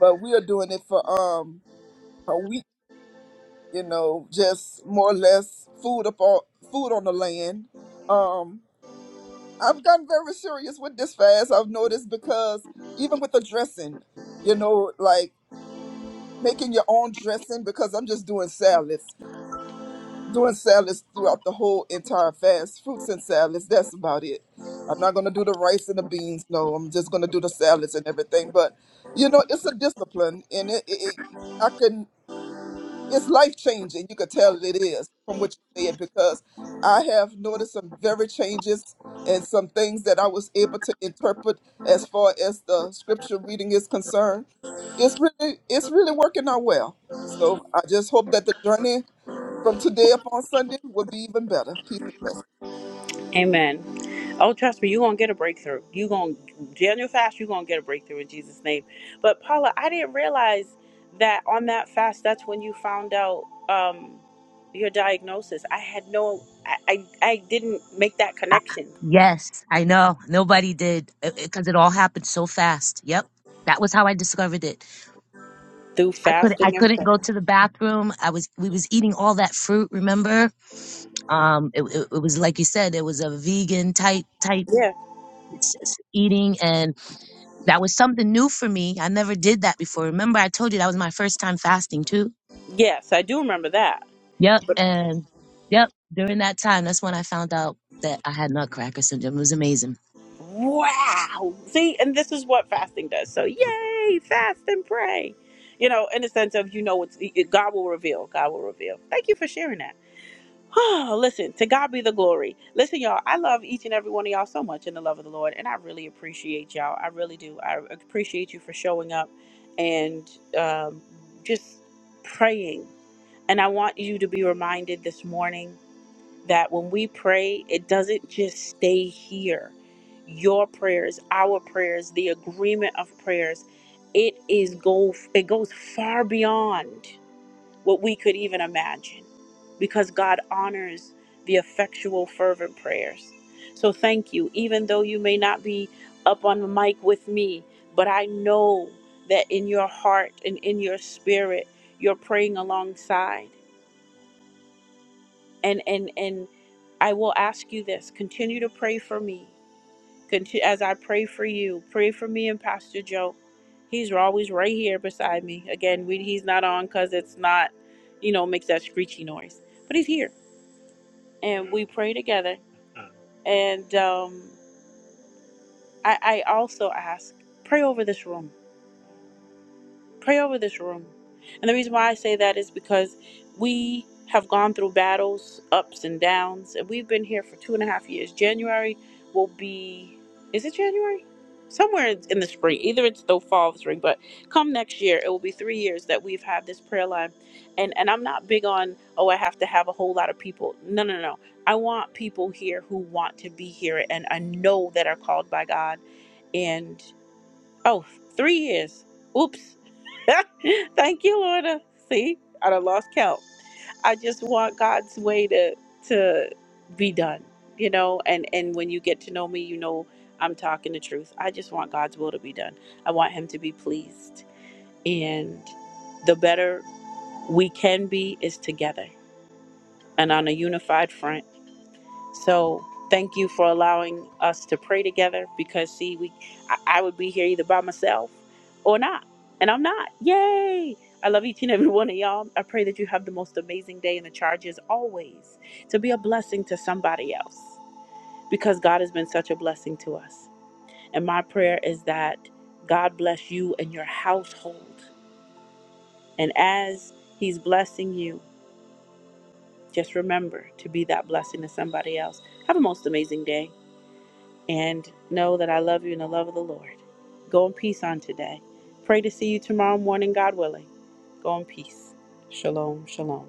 S4: But we are doing it for um a week you know, just more or less food up on food on the land. Um, I've gotten very serious with this fast. I've noticed because even with the dressing, you know, like making your own dressing because I'm just doing salads, doing salads throughout the whole entire fast, fruits and salads. That's about it. I'm not gonna do the rice and the beans. No, I'm just gonna do the salads and everything. But you know, it's a discipline, and it, it, it I can. it's life changing. You could tell it is from what you said because I have noticed some very changes and some things that I was able to interpret as far as the scripture reading is concerned. It's really it's really working out well. So I just hope that the journey from today upon Sunday will be even better. Peace and blessings.
S1: Amen. Oh, trust me, you're going to get a breakthrough. You're going to, Daniel fast, you're going to get a breakthrough in Jesus' name. But Paula, I didn't realize that on that fast, that's when you found out um, your diagnosis. I had no, I, I, I didn't make that
S3: I-
S1: connection
S3: Yes, I know. Nobody did because it all happened so fast. Yep. That was how I discovered it.
S1: through
S3: I couldn't I
S1: fasting and
S3: couldn't
S1: prayer.
S3: go to the bathroom. I was we was eating all that fruit, remember? Um it, it, it was like you said it was a vegan type type
S1: Yeah.
S3: s- s- eating and that was something new for me. I never did that before. Remember I told you that was my first time fasting too?
S1: Yes, I do remember that.
S3: Yep, and yep, during that time that's when I found out that I had nutcracker syndrome. It was amazing.
S1: Wow. See, and this is what fasting does. So, yay, fast and pray. You know, in the sense of, you know, it's, it, God will reveal. God will reveal. Thank you for sharing that. Oh, Listen, to God be the glory. Listen, y'all, I love each and every one of y'all so much in the love of the Lord, and I really appreciate y'all. I really do. I appreciate you for showing up and um, just praying. And I want you to be reminded this morning that when we pray, it doesn't just stay here. Your prayers, our prayers, the agreement of prayers, it is go it goes far beyond what we could even imagine because God honors the effectual, fervent prayers. So thank you, even though you may not be up on the mic with me, but I know that in your heart and in your spirit, you're praying alongside. And and and I will ask you this: continue to pray for me Conti- as I pray for you, pray for me and Pastor Joe. He's always right here beside me. Again, we, he's not on because it's not, you know, makes that screechy noise, but he's here, and we pray together. And um, I, I also ask, pray over this room Pray over this room. And the reason why I say that is because we have gone through battles, ups and downs, and we've been here for two and a half years. January will be, is it January? Somewhere in the spring, either it's the fall or spring, but come next year, it will be three years that we've had this prayer line. And and I'm not big on, oh, I have to have a whole lot of people. No, no, no. I want people here who want to be here and I know that are called by God and. Oh, three years. Oops. Thank you, Lord. Uh, See, I done lost count. I just want God's way to to be done, you know. And and when you get to know me, you know I'm talking the truth. I just want God's will to be done. I want Him to be pleased, and the better we can be is together and on a unified front. So thank you for allowing us to pray together because see, we I, I would be here either by myself or not. And I'm not. Yay! I love each and every one of y'all. I pray that you have the most amazing day and the charge is always to be a blessing to somebody else because God has been such a blessing to us. And my prayer is that God bless you and your household. And as He's blessing you, just remember to be that blessing to somebody else. Have a most amazing day. and know that I love you in the love of the Lord. Go in peace on today. Pray to see you tomorrow morning, God willing. Go in peace. Shalom, shalom.